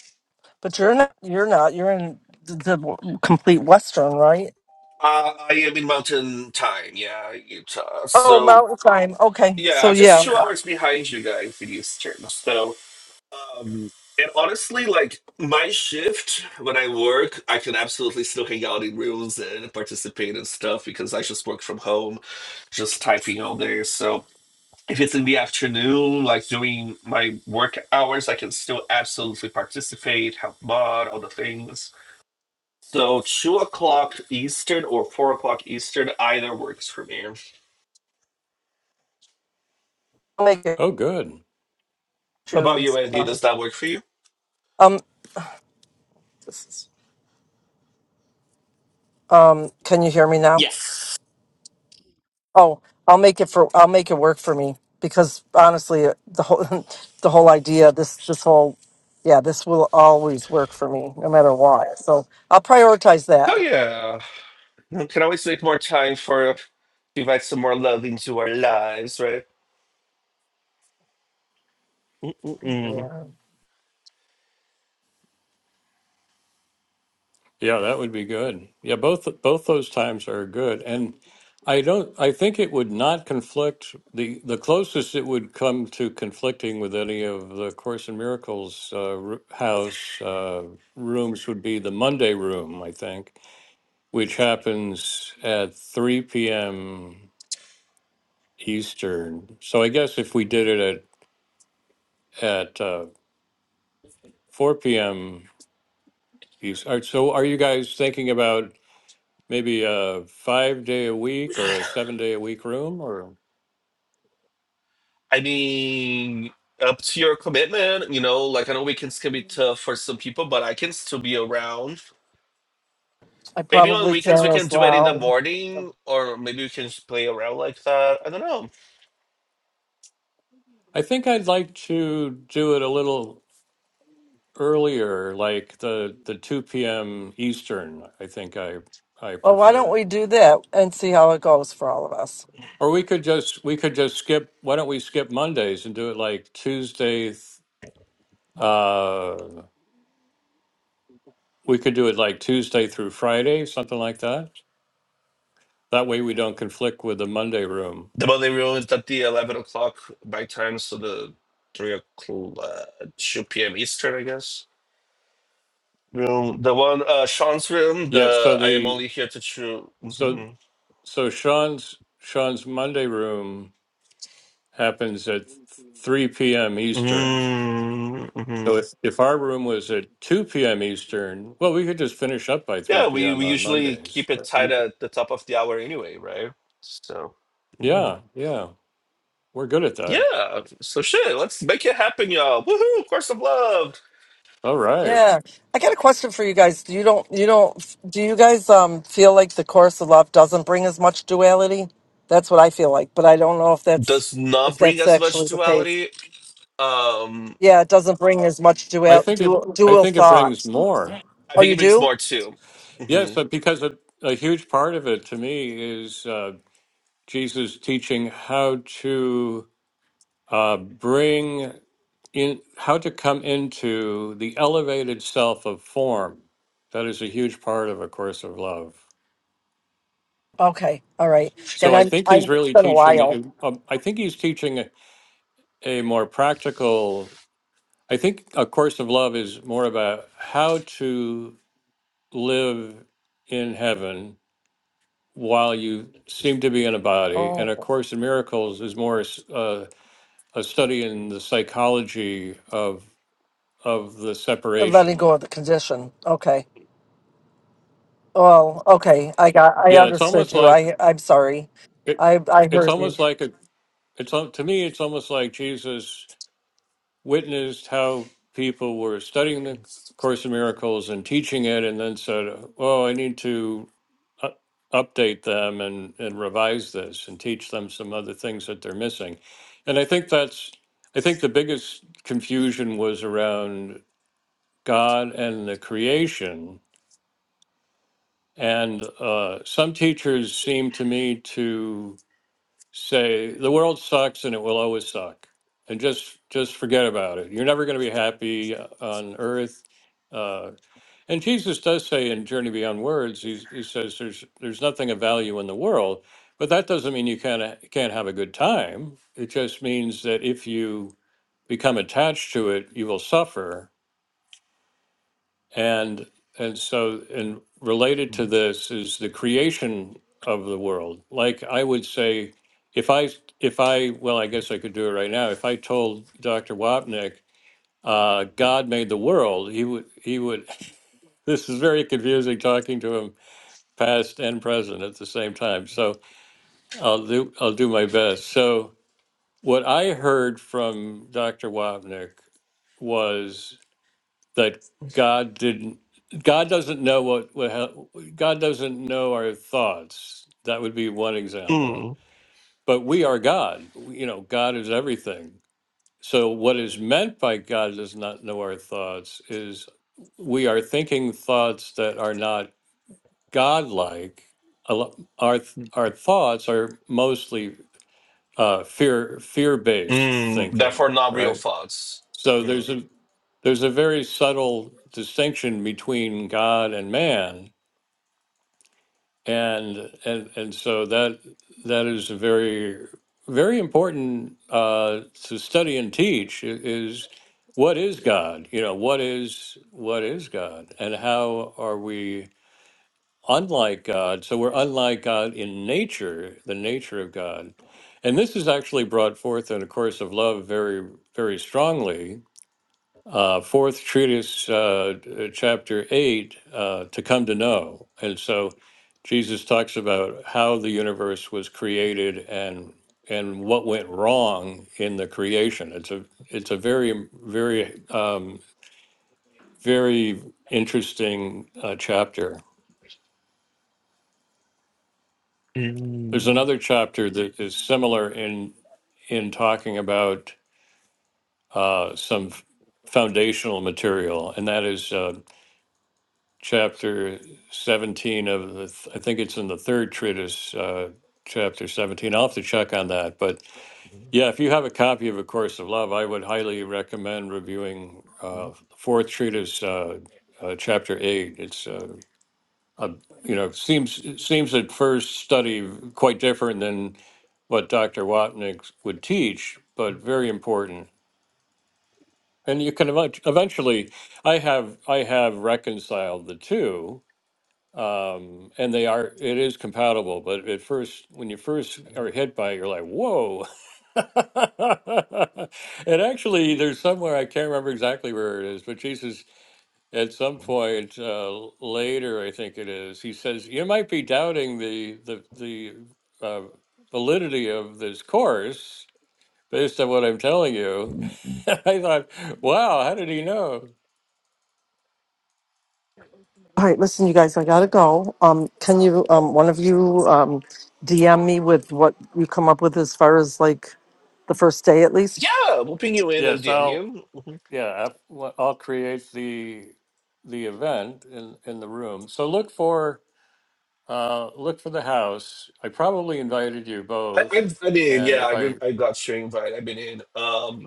S3: but you're not. You're not. You're in the, the complete Western, right?
S2: uh, I am in Mountain Time. Yeah, Utah.
S3: Oh,
S2: So
S3: Mountain Time. Okay,
S2: yeah,
S3: so
S2: I'm just
S3: yeah,
S2: two hours behind you guys in Eastern. So Um, and honestly, like my shift when I work, I can absolutely still hang out in rooms and participate in stuff because I just work from home, just typing all day. So if it's in the afternoon, like during my work hours, I can still absolutely participate, help mod, all the things. So two o'clock Eastern or four o'clock Eastern either works for me.
S3: I'll make it
S1: Oh, good.
S2: How about you,
S3: choose.
S2: Andy?
S3: uh,
S2: Does that work for you?
S3: Um, this is- um, can you hear me now?
S2: Yes.
S3: Oh, I'll make it for. I'll make it work for me because honestly, uh, the whole the whole idea, this this whole, yeah, this will always work for me no matter what. So I'll prioritize
S2: Oh
S3: that.
S2: yeah. We can always make more time for to invite some more love into our lives, right? Mm-mm.
S3: Yeah,
S1: Yeah, that would be good. Yeah, both both those times are good, and I don't. I think it would not conflict. the The closest it would come to conflicting with any of the Course in Miracles uh, ru- house uh, rooms would be the Monday room, I think, which happens at three p.m. Eastern. So I guess if we did it at at uh, four p.m. East, all right, so are you guys thinking about? maybe a five day a week or a seven day a week room or
S2: I mean, up to your commitment, you know, like I know weekends can be tough for some people, but I can still be around.
S3: I
S2: Maybe on
S3: probably
S2: weekends
S3: can
S2: we can
S3: as
S2: do it in the
S3: well.
S2: morning, or maybe we can just play around like that. I don't know.
S1: I think I'd like to do it a little earlier, like the the 2 p.m. Eastern, I think I I
S3: Well, why don't
S1: prefer.
S3: we do that and see how it goes for all of us?
S1: Or we could just we could just skip why don't we skip Mondays and do it like Tuesday th- uh we could do it like Tuesday through Friday, something like that. That way we don't conflict with the Monday room.
S2: The Monday rule is at the 11 o'clock by time, so the 3 o'clock, uh, 2 p.m. Eastern, I guess. Room, the one, uh, Sean's room,
S1: Yeah,
S2: the
S1: so
S2: I am
S1: the
S2: only here to chew. Mm-hmm.
S1: so so Sean's Sean's Monday room happens at 3 p.m. Eastern.
S2: Mm-hmm.
S1: So if, if our room was at 2 p.m. Eastern, well, we could just finish up by 3
S2: Yeah, we,
S1: p.m.
S2: we
S1: on
S2: usually
S1: Mondays.
S2: keep it
S1: But
S2: tight
S1: we- could-
S2: at the top of the hour anyway, right? So, mhm.
S1: Yeah, yeah, we're good at that.
S2: yeah. So, shit, let's make it happen, y'all. Woohoo! Course of Love
S1: All right.
S3: Yeah, I got a question for you guys. Do you don't you don't do you guys um feel like the course of love doesn't bring as much duality? That's what I feel like, but I don't know if that's
S2: does
S3: if
S2: not bring
S3: that's
S2: as much
S3: actually the case.
S2: duality. Um,
S3: Yeah, it doesn't bring as much
S1: I
S3: dual
S1: think it.
S3: dual,
S1: I
S3: dual
S1: think it brings
S3: thought.
S1: more.
S2: I
S3: Oh,
S2: think
S3: you
S2: it brings
S3: do?
S2: more too.
S1: Yes, but
S2: Mm-hmm.
S1: because a, a huge part of it to me is uh, Jesus teaching how to uh, bring in how to come into the elevated self of form. That is a huge part of A Course of Love.
S3: Okay, all right. Then
S1: So I
S3: I'm
S1: think he's
S3: I'm it's
S1: really
S3: been a
S1: teaching.
S3: while.
S1: uh, I think he's teaching a, a more practical. I think A Course of Love is more about how to live in heaven while you seem to be in a body, and A
S3: Oh,
S1: Course in Miracles is more uh, a study in the psychology of of the
S3: letting
S1: separation
S3: go of the condition. Okay. Oh, okay. I got I
S1: Yeah, it's
S3: understood
S1: almost
S3: you.
S1: like
S3: I I'm sorry.
S1: it,
S3: I I
S1: it's
S3: heard you.
S1: almost like a it's al- to me it's almost like Jesus witnessed how people were studying the Course in Miracles and teaching it, and then said, "Oh, I need to u- update them and and revise this and teach them some other things that they're missing." And I think that's I think the biggest confusion was around God and the creation, and uh, some teachers seem to me to say the world sucks and it will always suck and just just forget about it you're never going to be happy uh, on earth uh, and jesus does say in journey beyond words he's, he says there's there's nothing of value in the world but that doesn't mean you can't can't have a good time it just means that if you become attached to it you will suffer and and so and related to this is the creation of the world. Like I would say, if I if I well, I guess I could do it right now. If I told Dr. Wapnick, uh, God made the world, he would he would. This is very confusing talking to him, past and present at the same time. So I'll do I'll do my best. So what I heard from Dr. Wapnick was that God didn't God doesn't know what, what hap- God doesn't know our thoughts. That would be one example.
S2: Mm.
S1: But we are God. You know, God is everything. So what is meant by God does not know our thoughts is we are thinking thoughts that are not godlike. A lo- Our th- our thoughts are mostly uh, fear fear based
S2: Mm.
S1: thinking,
S2: Therefore, not
S1: right?
S2: real thoughts.
S1: So
S2: Yeah.
S1: there's a there's a very subtle distinction between God and man, and and and so that that is a very very important uh, to study and teach i- is what is God? You know, what is what is God, and how are we unlike God? So we're unlike God in nature, the nature of God, and this is actually brought forth in a course of love very very strongly uh, fourth treatise, uh, uh, chapter eight, uh, to come to know. And so Jesus talks about how the universe was created and and what went wrong in the creation. It's a it's a very very um, very interesting uh, chapter. There's
S2: Mm.
S1: another chapter that is similar in in talking about uh, some f- foundational material, and that is. uh, chapter 17 of the, th- I think it's in the third treatise, uh, chapter 17. I'll have to check on that. But yeah, if you have a copy of A Course of Love, I would highly recommend reviewing uh, fourth treatise, uh, uh, chapter 8. It's, uh, a, you know, seems it seems at first study quite different than what Dr. Watnick would teach, but very important. And you can ev- eventually, I have I have reconciled the two, um, and they are it is compatible but at first when you first are hit by it you're like whoa and actually there's somewhere i can't remember exactly where it is but jesus at some point uh, later i think it is he says you might be doubting the the the uh, validity of this course based on what i'm telling you i thought wow how did he know
S3: All right, listen, you guys, I gotta go. Um, can you, um, one of you, um, DM me with what you come up with as far as like the first day at least?
S2: Yeah, we'll ping you in and
S1: yes
S2: DM
S1: I'll.
S2: you. Mhm.
S1: Yeah, I've- well, I'll create the the event in in the room. So look for uh look for the house. I probably invited you
S2: I, I,
S1: both,
S2: I mean,
S1: and
S2: yeah,
S1: if I
S2: I, I got your invite. I've been in. Um,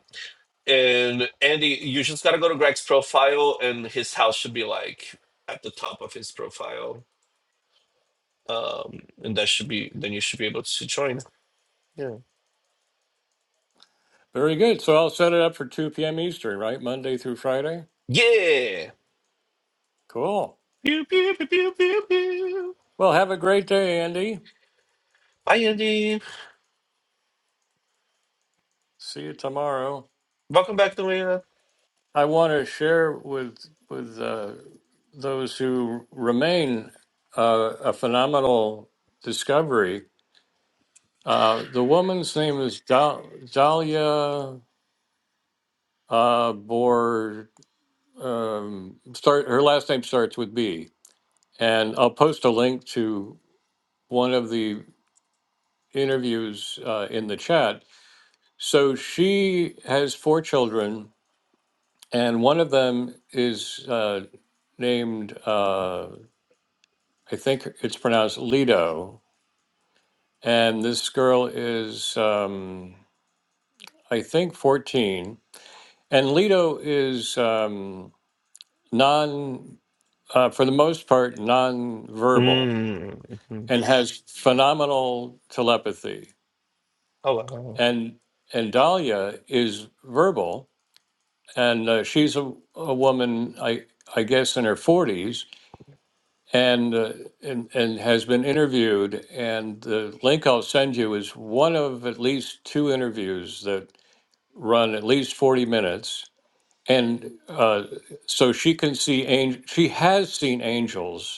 S2: And Andy, you just gotta go to Greg's profile, and his house should be like at the top of his profile. Um, and that should be then you should be able to join. Yeah.
S1: very good. So I'll set it up for 2 p.m. Eastern, right? Monday through Friday.
S2: Yeah.
S1: Cool.
S2: Pew, pew, pew, pew, pew, pew.
S1: Well, have a great day, Andy.
S2: Hi, Andy.
S1: See you tomorrow.
S2: Welcome back, Noelia.
S1: I want to share with with uh, those who remain uh, a phenomenal discovery Uh, the woman's name is Dal- Dahlia uh, Bor. Um, start her last name starts with B, and I'll post a link to one of the interviews uh, in the chat. So she has four children, and one of them is uh, named uh, I think it's pronounced Lido, and this girl is um, I think fourteen, and Lido is. Um, non, uh, for the most part, non-verbal,
S2: Mm-hmm.
S1: and has phenomenal telepathy.
S2: Oh wow.
S1: And and Dahlia is verbal, and uh, she's a, a woman, I I guess, in her forties, and, uh, and and has been interviewed. And the link I'll send you is one of at least two interviews that run at least forty minutes. And uh, so she can see angel. She has seen angels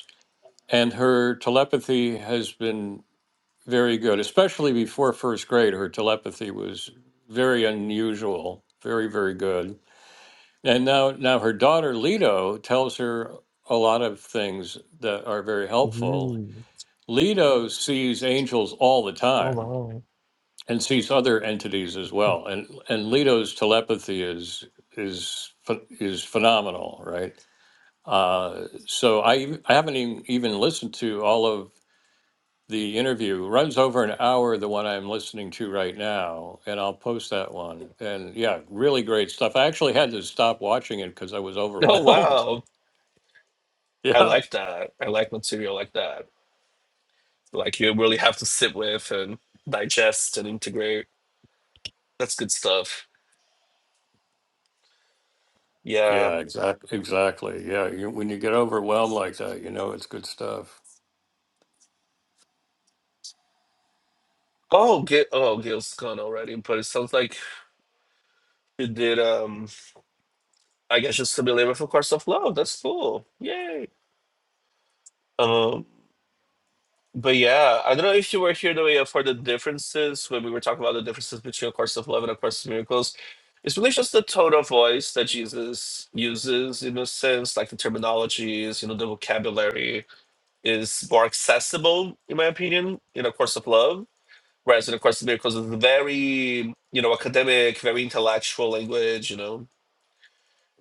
S1: and her telepathy has been very good, especially before first grade. Her telepathy was very unusual, very very good. And now now her daughter Leto tells her a lot of things that are very helpful.
S2: Mm.
S1: Leto sees angels all the
S2: Oh
S1: time
S2: wow.
S1: and sees other entities as
S2: Mm-hmm.
S1: well. And and Leto's telepathy is is ph- is phenomenal, right? Uh, so I I haven't even, even listened to all of the interview runs over an hour the one i'm listening to right now and i'll post that one and yeah really great stuff i actually had to stop watching it because i was
S2: Oh
S1: overwhelmed
S2: wow. I
S1: yeah
S2: like that. I like material like that. Like you really have to sit with and digest and integrate. That's good stuff. Yeah.
S1: yeah exactly exactly yeah you, when you get overwhelmed like that you know it's good stuff
S2: Oh, Gil, oh, Gil's gone already, but it sounds like you did. Um, I guess just to be labor for Course of Love. That's cool. Yay. Um, but yeah, I don't know if you were here the way up for the differences when we were talking about the differences between A Course of Love and A Course of Miracles. It's really just the tone of voice that Jesus uses, in a sense, like the terminologies, you know, the vocabulary is more accessible, in my opinion, in A Course of Love Whereas in Equestria, because it's very, you know, academic, very intellectual language, you know.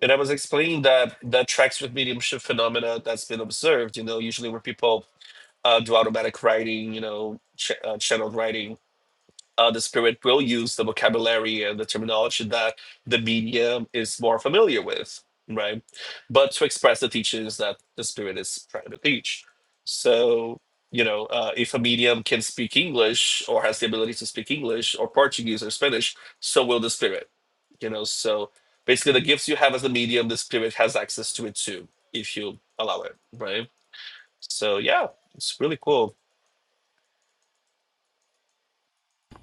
S2: And I was explaining that that tracks with mediumship phenomena that's been observed, you know, usually where people uh, do automatic writing, you know, ch- uh, channeled writing, uh, the spirit will use the vocabulary and the terminology that the medium is more familiar with, right? But to express the teachings that the spirit is trying to teach. So, you know, uh, if a medium can speak English or has the ability to speak English or Portuguese or Spanish, so will the spirit, you know? So basically, the gifts you have as a medium, the spirit has access to it too, if you allow it, right? So, yeah, it's really cool.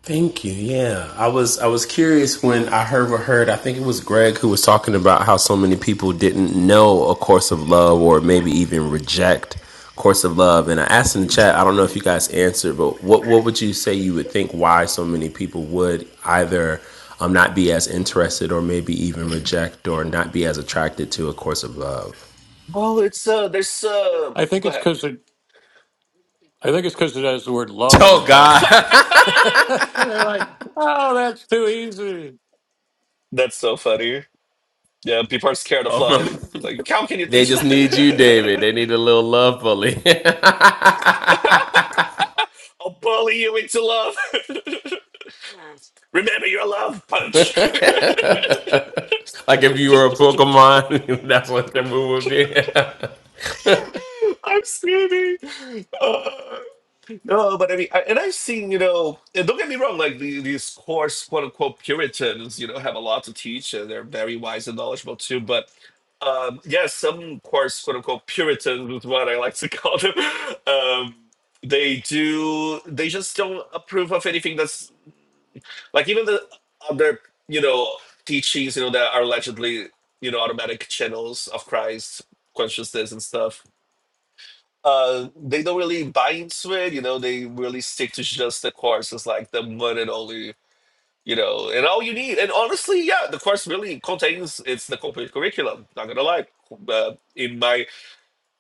S4: Thank you. Yeah, I was I was curious when I heard what heard. I think it was Greg who was talking about how so many people didn't know a course of love, or maybe even reject A course of love. And I asked in the chat. I don't know if you guys answered, but what what would you say you would think why so many people would either um, not be as interested, or maybe even reject, or not be as attracted to a course of love?
S2: Well, it's, uh, there's, uh,
S1: i think
S2: go
S1: it's
S2: ahead.
S1: because it i think it's because it has the word love in the
S4: Oh God.
S1: title and they're like oh that's too easy
S2: That's so funny. Yeah, people are scared of love. Like, how can you
S4: they
S2: teach
S4: just
S2: love?
S4: need you, David. They need a little love bully. like
S2: I'll bully you into love. Remember your love punch.
S4: if you were a Pokemon, that's what the move would be.
S2: I'm screaming. No, but I mean, I, and I've seen, you know, and don't get me wrong, like the, these coarse, quote unquote, Puritans, you know, have a lot to teach and they're very wise and knowledgeable too. But um, yeah, some coarse, quote unquote, Puritans is what I like to call them. Um, they do, they just don't approve of anything that's like even the other, you know, teachings, you know, that are allegedly, you know, automatic channels of Christ consciousness and stuff uh they don't really buy into it you know they really stick to just the course it's like the one and only you know and all you need and honestly yeah the course really contains it's the complete curriculum not gonna lie uh, in my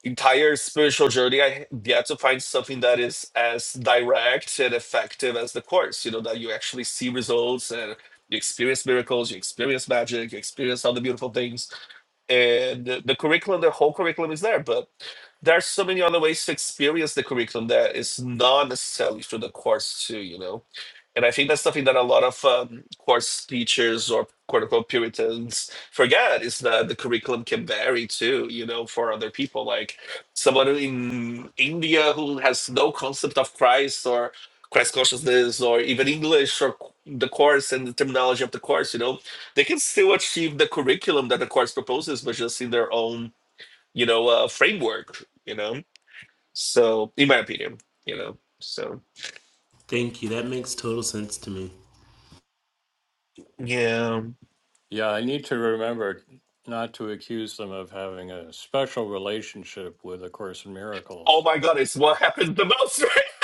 S2: entire spiritual journey i had to find something that is as direct and effective as the course you know that you actually see results and you experience miracles you experience magic you experience all the beautiful things and the, the curriculum the whole curriculum is there but there are so many other ways to experience the curriculum that is not necessarily through the course too you know and I think that's something that a lot of um, course teachers or quote unquote Puritans forget is that the curriculum can vary too, you know, for other people. Like someone in India who has no concept of Christ or Christ consciousness or even English or the course and the terminology of the course, you know, they can still achieve the curriculum that the course proposes, but just in their own, you know, uh, framework, you know. So, in my opinion, you know, so
S4: Thank you. That makes total sense to me.
S2: yeah.
S1: yeah i need to remember not to accuse them of having a special relationship with a course in
S2: Oh
S1: miracles
S2: my god, it's what happens the most, right?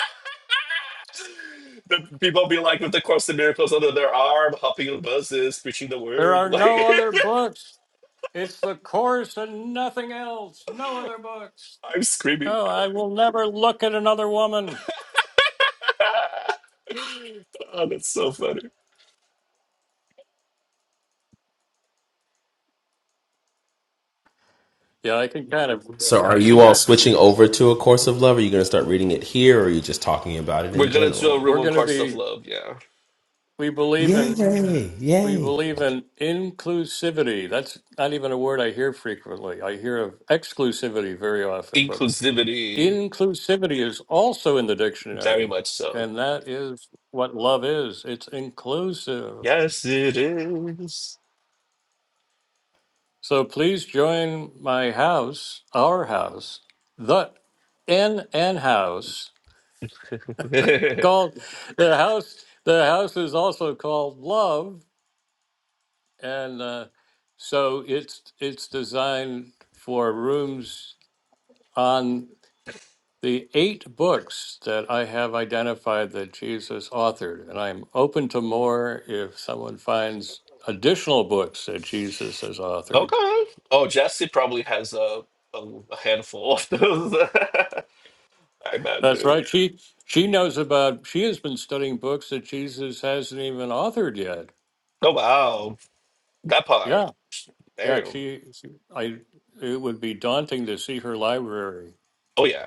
S2: The people be like with the cross and miracles under their arm, hopping on buses, preaching the
S1: There
S2: word.
S1: are no
S2: Like
S1: other books. It's the course and nothing else. No other books.
S2: I'm screaming.
S1: No, I will never look at another woman.
S2: oh, that's so funny.
S1: Yeah, I can kind of.
S4: so are you all switching over to a course of love? Are you gonna start reading it here or are you just talking about it
S2: We're
S4: in
S2: gonna do a
S4: general?
S2: room
S1: We're
S2: on
S1: going to
S2: course of
S1: be.
S2: love, yeah.
S1: We believe in.
S4: Yay,
S1: We
S4: yay.
S1: believe in inclusivity. That's not even a word I hear frequently. I hear of exclusivity very often, but
S2: Inclusivity,
S1: inclusivity is also in the
S2: very
S1: dictionary,
S2: much so.
S1: and that is what love is. It's inclusive.
S2: Yes, it is.
S1: So please join my house, our house, the N N house
S2: okay.
S1: called the house. The house is also called Love, and uh, so it's it's designed for rooms on the eight books that I have identified that Jesus authored, and I'm open to more if someone finds additional books that Jesus has authored.
S2: Oh, Jesse probably has a, a, a handful of those. I
S1: That's
S2: imagine.
S1: right. She she knows about. She has been studying books that Jesus hasn't even authored yet.
S2: Oh wow, that part.
S1: Yeah, yeah.
S2: Damn.
S1: She, she I. It would be daunting to see her library.
S2: Oh yeah.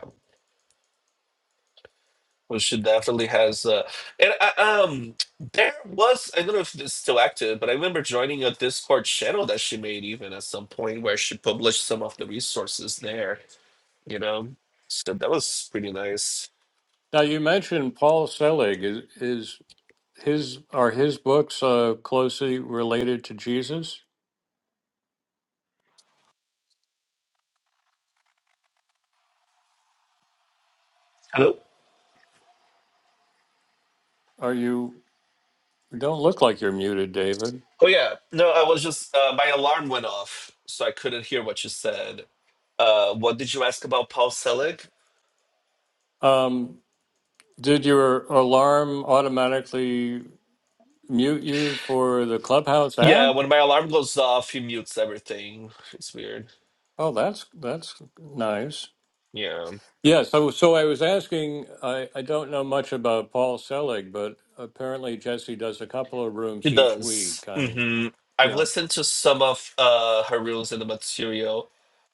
S2: Well, she definitely has. Uh, and I, um, there was I don't know if it's still active, but I remember joining a Discord channel that she made even at some point where she published some of the resources there. You know, so that was pretty nice.
S1: Now you mentioned Paul Selig. Is is his are his books uh, closely related to Jesus?
S2: Hello.
S1: Are you? you Don't look like you're muted, David.
S2: Oh yeah, no, I was just uh, my alarm went off, so I couldn't hear what you said. Uh, what did you ask about Paul Selig?
S1: Um, did your alarm automatically mute you for the Clubhouse
S2: Yeah,
S1: app?
S2: when my alarm goes off, he mutes everything. It's weird.
S1: Oh, that's that's nice.
S2: Yeah.
S1: Yeah, so so I was asking, I, I don't know much about Paul Selig, but apparently Jesse does a couple of
S2: She
S1: rooms each
S2: does.
S1: week on
S2: hmm I've
S1: yeah.
S2: listened to some of uh, her reels in the material,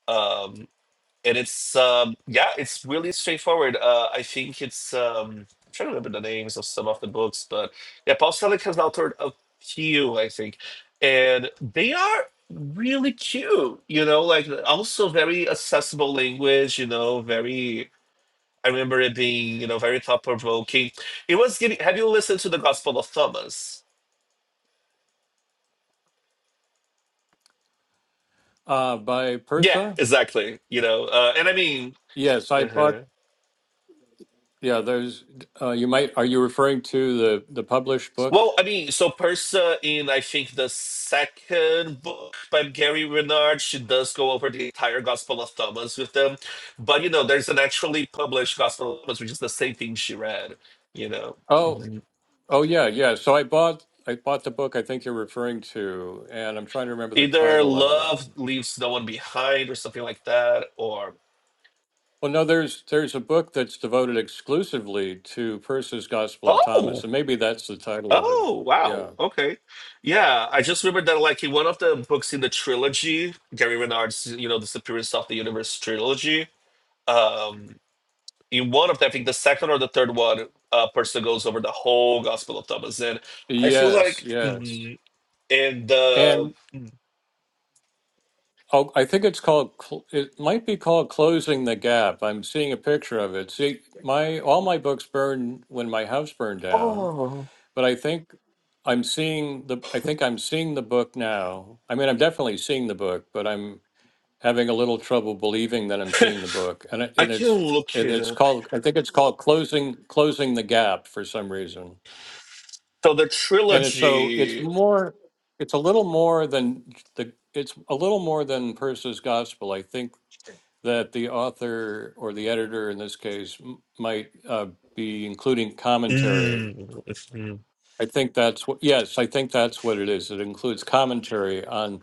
S2: um, and it's um, yeah, it's really straightforward. Uh, I think it's um, I'm trying to remember the names of some of the books, but yeah, Paul Selig has authored a few, I think, and they are really cute. You know, like also very accessible language. You know, very. I remember it being you know very thought provoking. It was giving. Have you listened to the Gospel of Thomas?
S1: Uh by
S2: Yeah,
S1: Persa?
S2: exactly. You know, uh, and I mean,
S1: Yes, I bought
S2: uh
S1: yeah, there's uh you might are you referring to the the published book?
S2: well, I mean, so Persa in I think the second book by Gary Renard, she does go over the entire Gospel of Thomas with them, but you know, there's an actually published Gospel of Thomas, which is the same thing she read. You know,
S1: Oh,
S2: Mhm.
S1: oh yeah, yeah. So I bought I bought the book I think you're referring to, and I'm trying to remember the
S2: either
S1: title of it.
S2: love leaves no one behind or something like that, or
S1: Well, no, there's there's a book that's devoted exclusively to Persa's Gospel of
S2: oh.
S1: Thomas, and maybe that's the title of it.
S2: Oh,
S1: Yeah.
S2: wow. Okay. Yeah, I just remember that like in one of the books in the trilogy, Gary Renard's, you know, Disappearance of the Universe trilogy. Um, in one of them, I think the second or the third one, uh person goes over the whole Gospel of Thomas. And I feel
S1: Yes,
S2: like
S1: yes.
S2: mm, in the
S1: And
S2: mm,
S1: oh, I think it's called, cl- it might be called Closing the Gap. I'm seeing a picture of it. See, my all my books burned when my house burned down,
S2: oh
S1: but I think I'm seeing the I think I'm seeing the book now. I mean, I'm definitely seeing the book, but I'm having a little trouble believing that I'm seeing the book. And it,
S2: I
S1: and
S2: can
S1: it's
S2: look
S1: and
S2: it
S1: it's
S2: up.
S1: called I think it's called Closing Closing the Gap for some reason.
S2: So the
S1: And it's so it's
S2: trilogy
S1: more, it's a little more than the, it's a little more than Percy's gospel. I think that the author or the editor in this case m- might uh, be including commentary.
S2: mm, mhm.
S1: I think that's what, yes, I think that's what it is. It includes commentary on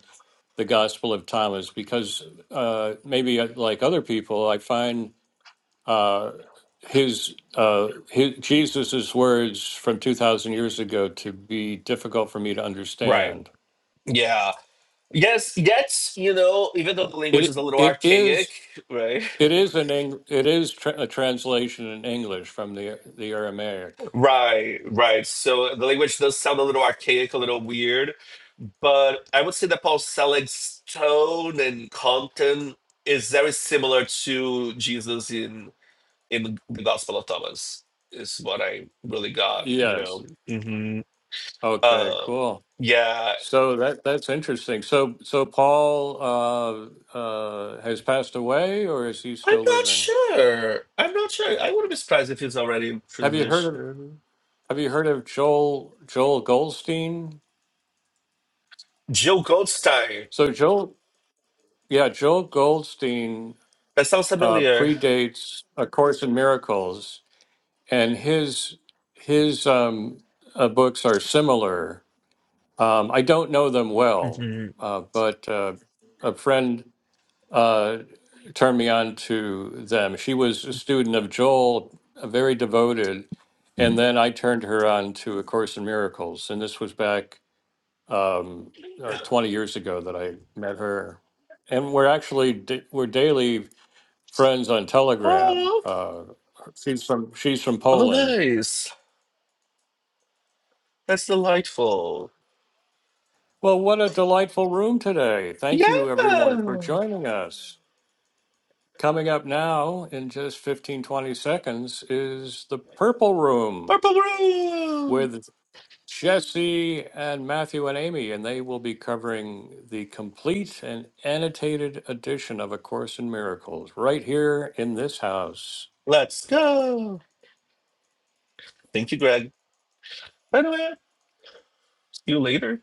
S1: the Gospel of Thomas because uh, maybe uh, like other people, I find uh, his, uh, his Jesus's words from two thousand years ago to be difficult for me to
S2: right.
S1: understand.
S2: Yeah. Yes, yes, you know, even though the language
S1: It
S2: is a little
S1: it
S2: archaic,
S1: is
S2: right?
S1: it is an Eng, it is tra- a translation in English from the the Aramaic.
S2: Right, right. So the language does sound a little archaic, a little weird, but I would say that Paul Selig's tone and content is very similar to Jesus in in the Gospel of Thomas, is what I really got, you
S1: Yes.
S2: know. hmm
S1: Okay.
S2: Uh,
S1: Cool.
S2: yeah,
S1: So that that's interesting. So so Paul uh, uh, has passed away, or is he
S2: I'm
S1: still
S2: not
S1: living?
S2: sure. I'm not sure. I wouldn't be surprised if he's already in
S1: Have you heard of
S2: transition.
S1: Have you heard of Joel Joel Goldstein?
S2: Jill Goldstein.
S1: So Joel Yeah, Joel Goldstein
S2: That sounds
S1: uh,
S2: familiar.
S1: predates A Course in Miracles, and his his um, uh, books are similar. Um, I don't know them well,
S2: hmm
S1: uh, but uh, a friend uh, turned me on to them. She was a student of Joel, uh, very devoted, and then I turned her on to A Course in Miracles, and this was back um, uh, 20 years ago that I met her and we're actually da- we're daily friends on Telegram.
S2: Oh,
S1: Uh, she's from she's from
S2: oh,
S1: Poland.
S2: nice. That's delightful.
S1: Well, what a delightful room today.
S2: Yeah,
S1: Thank you everyone for joining us. Coming up now in just 15 20 seconds is the Purple Room
S2: purple room.
S1: with Jesse and Matthew and Amy and they will be covering the complete and annotated edition of A Course in Miracles right here in this house.
S2: Let's go. Thank you, Greg. By the way, see you later.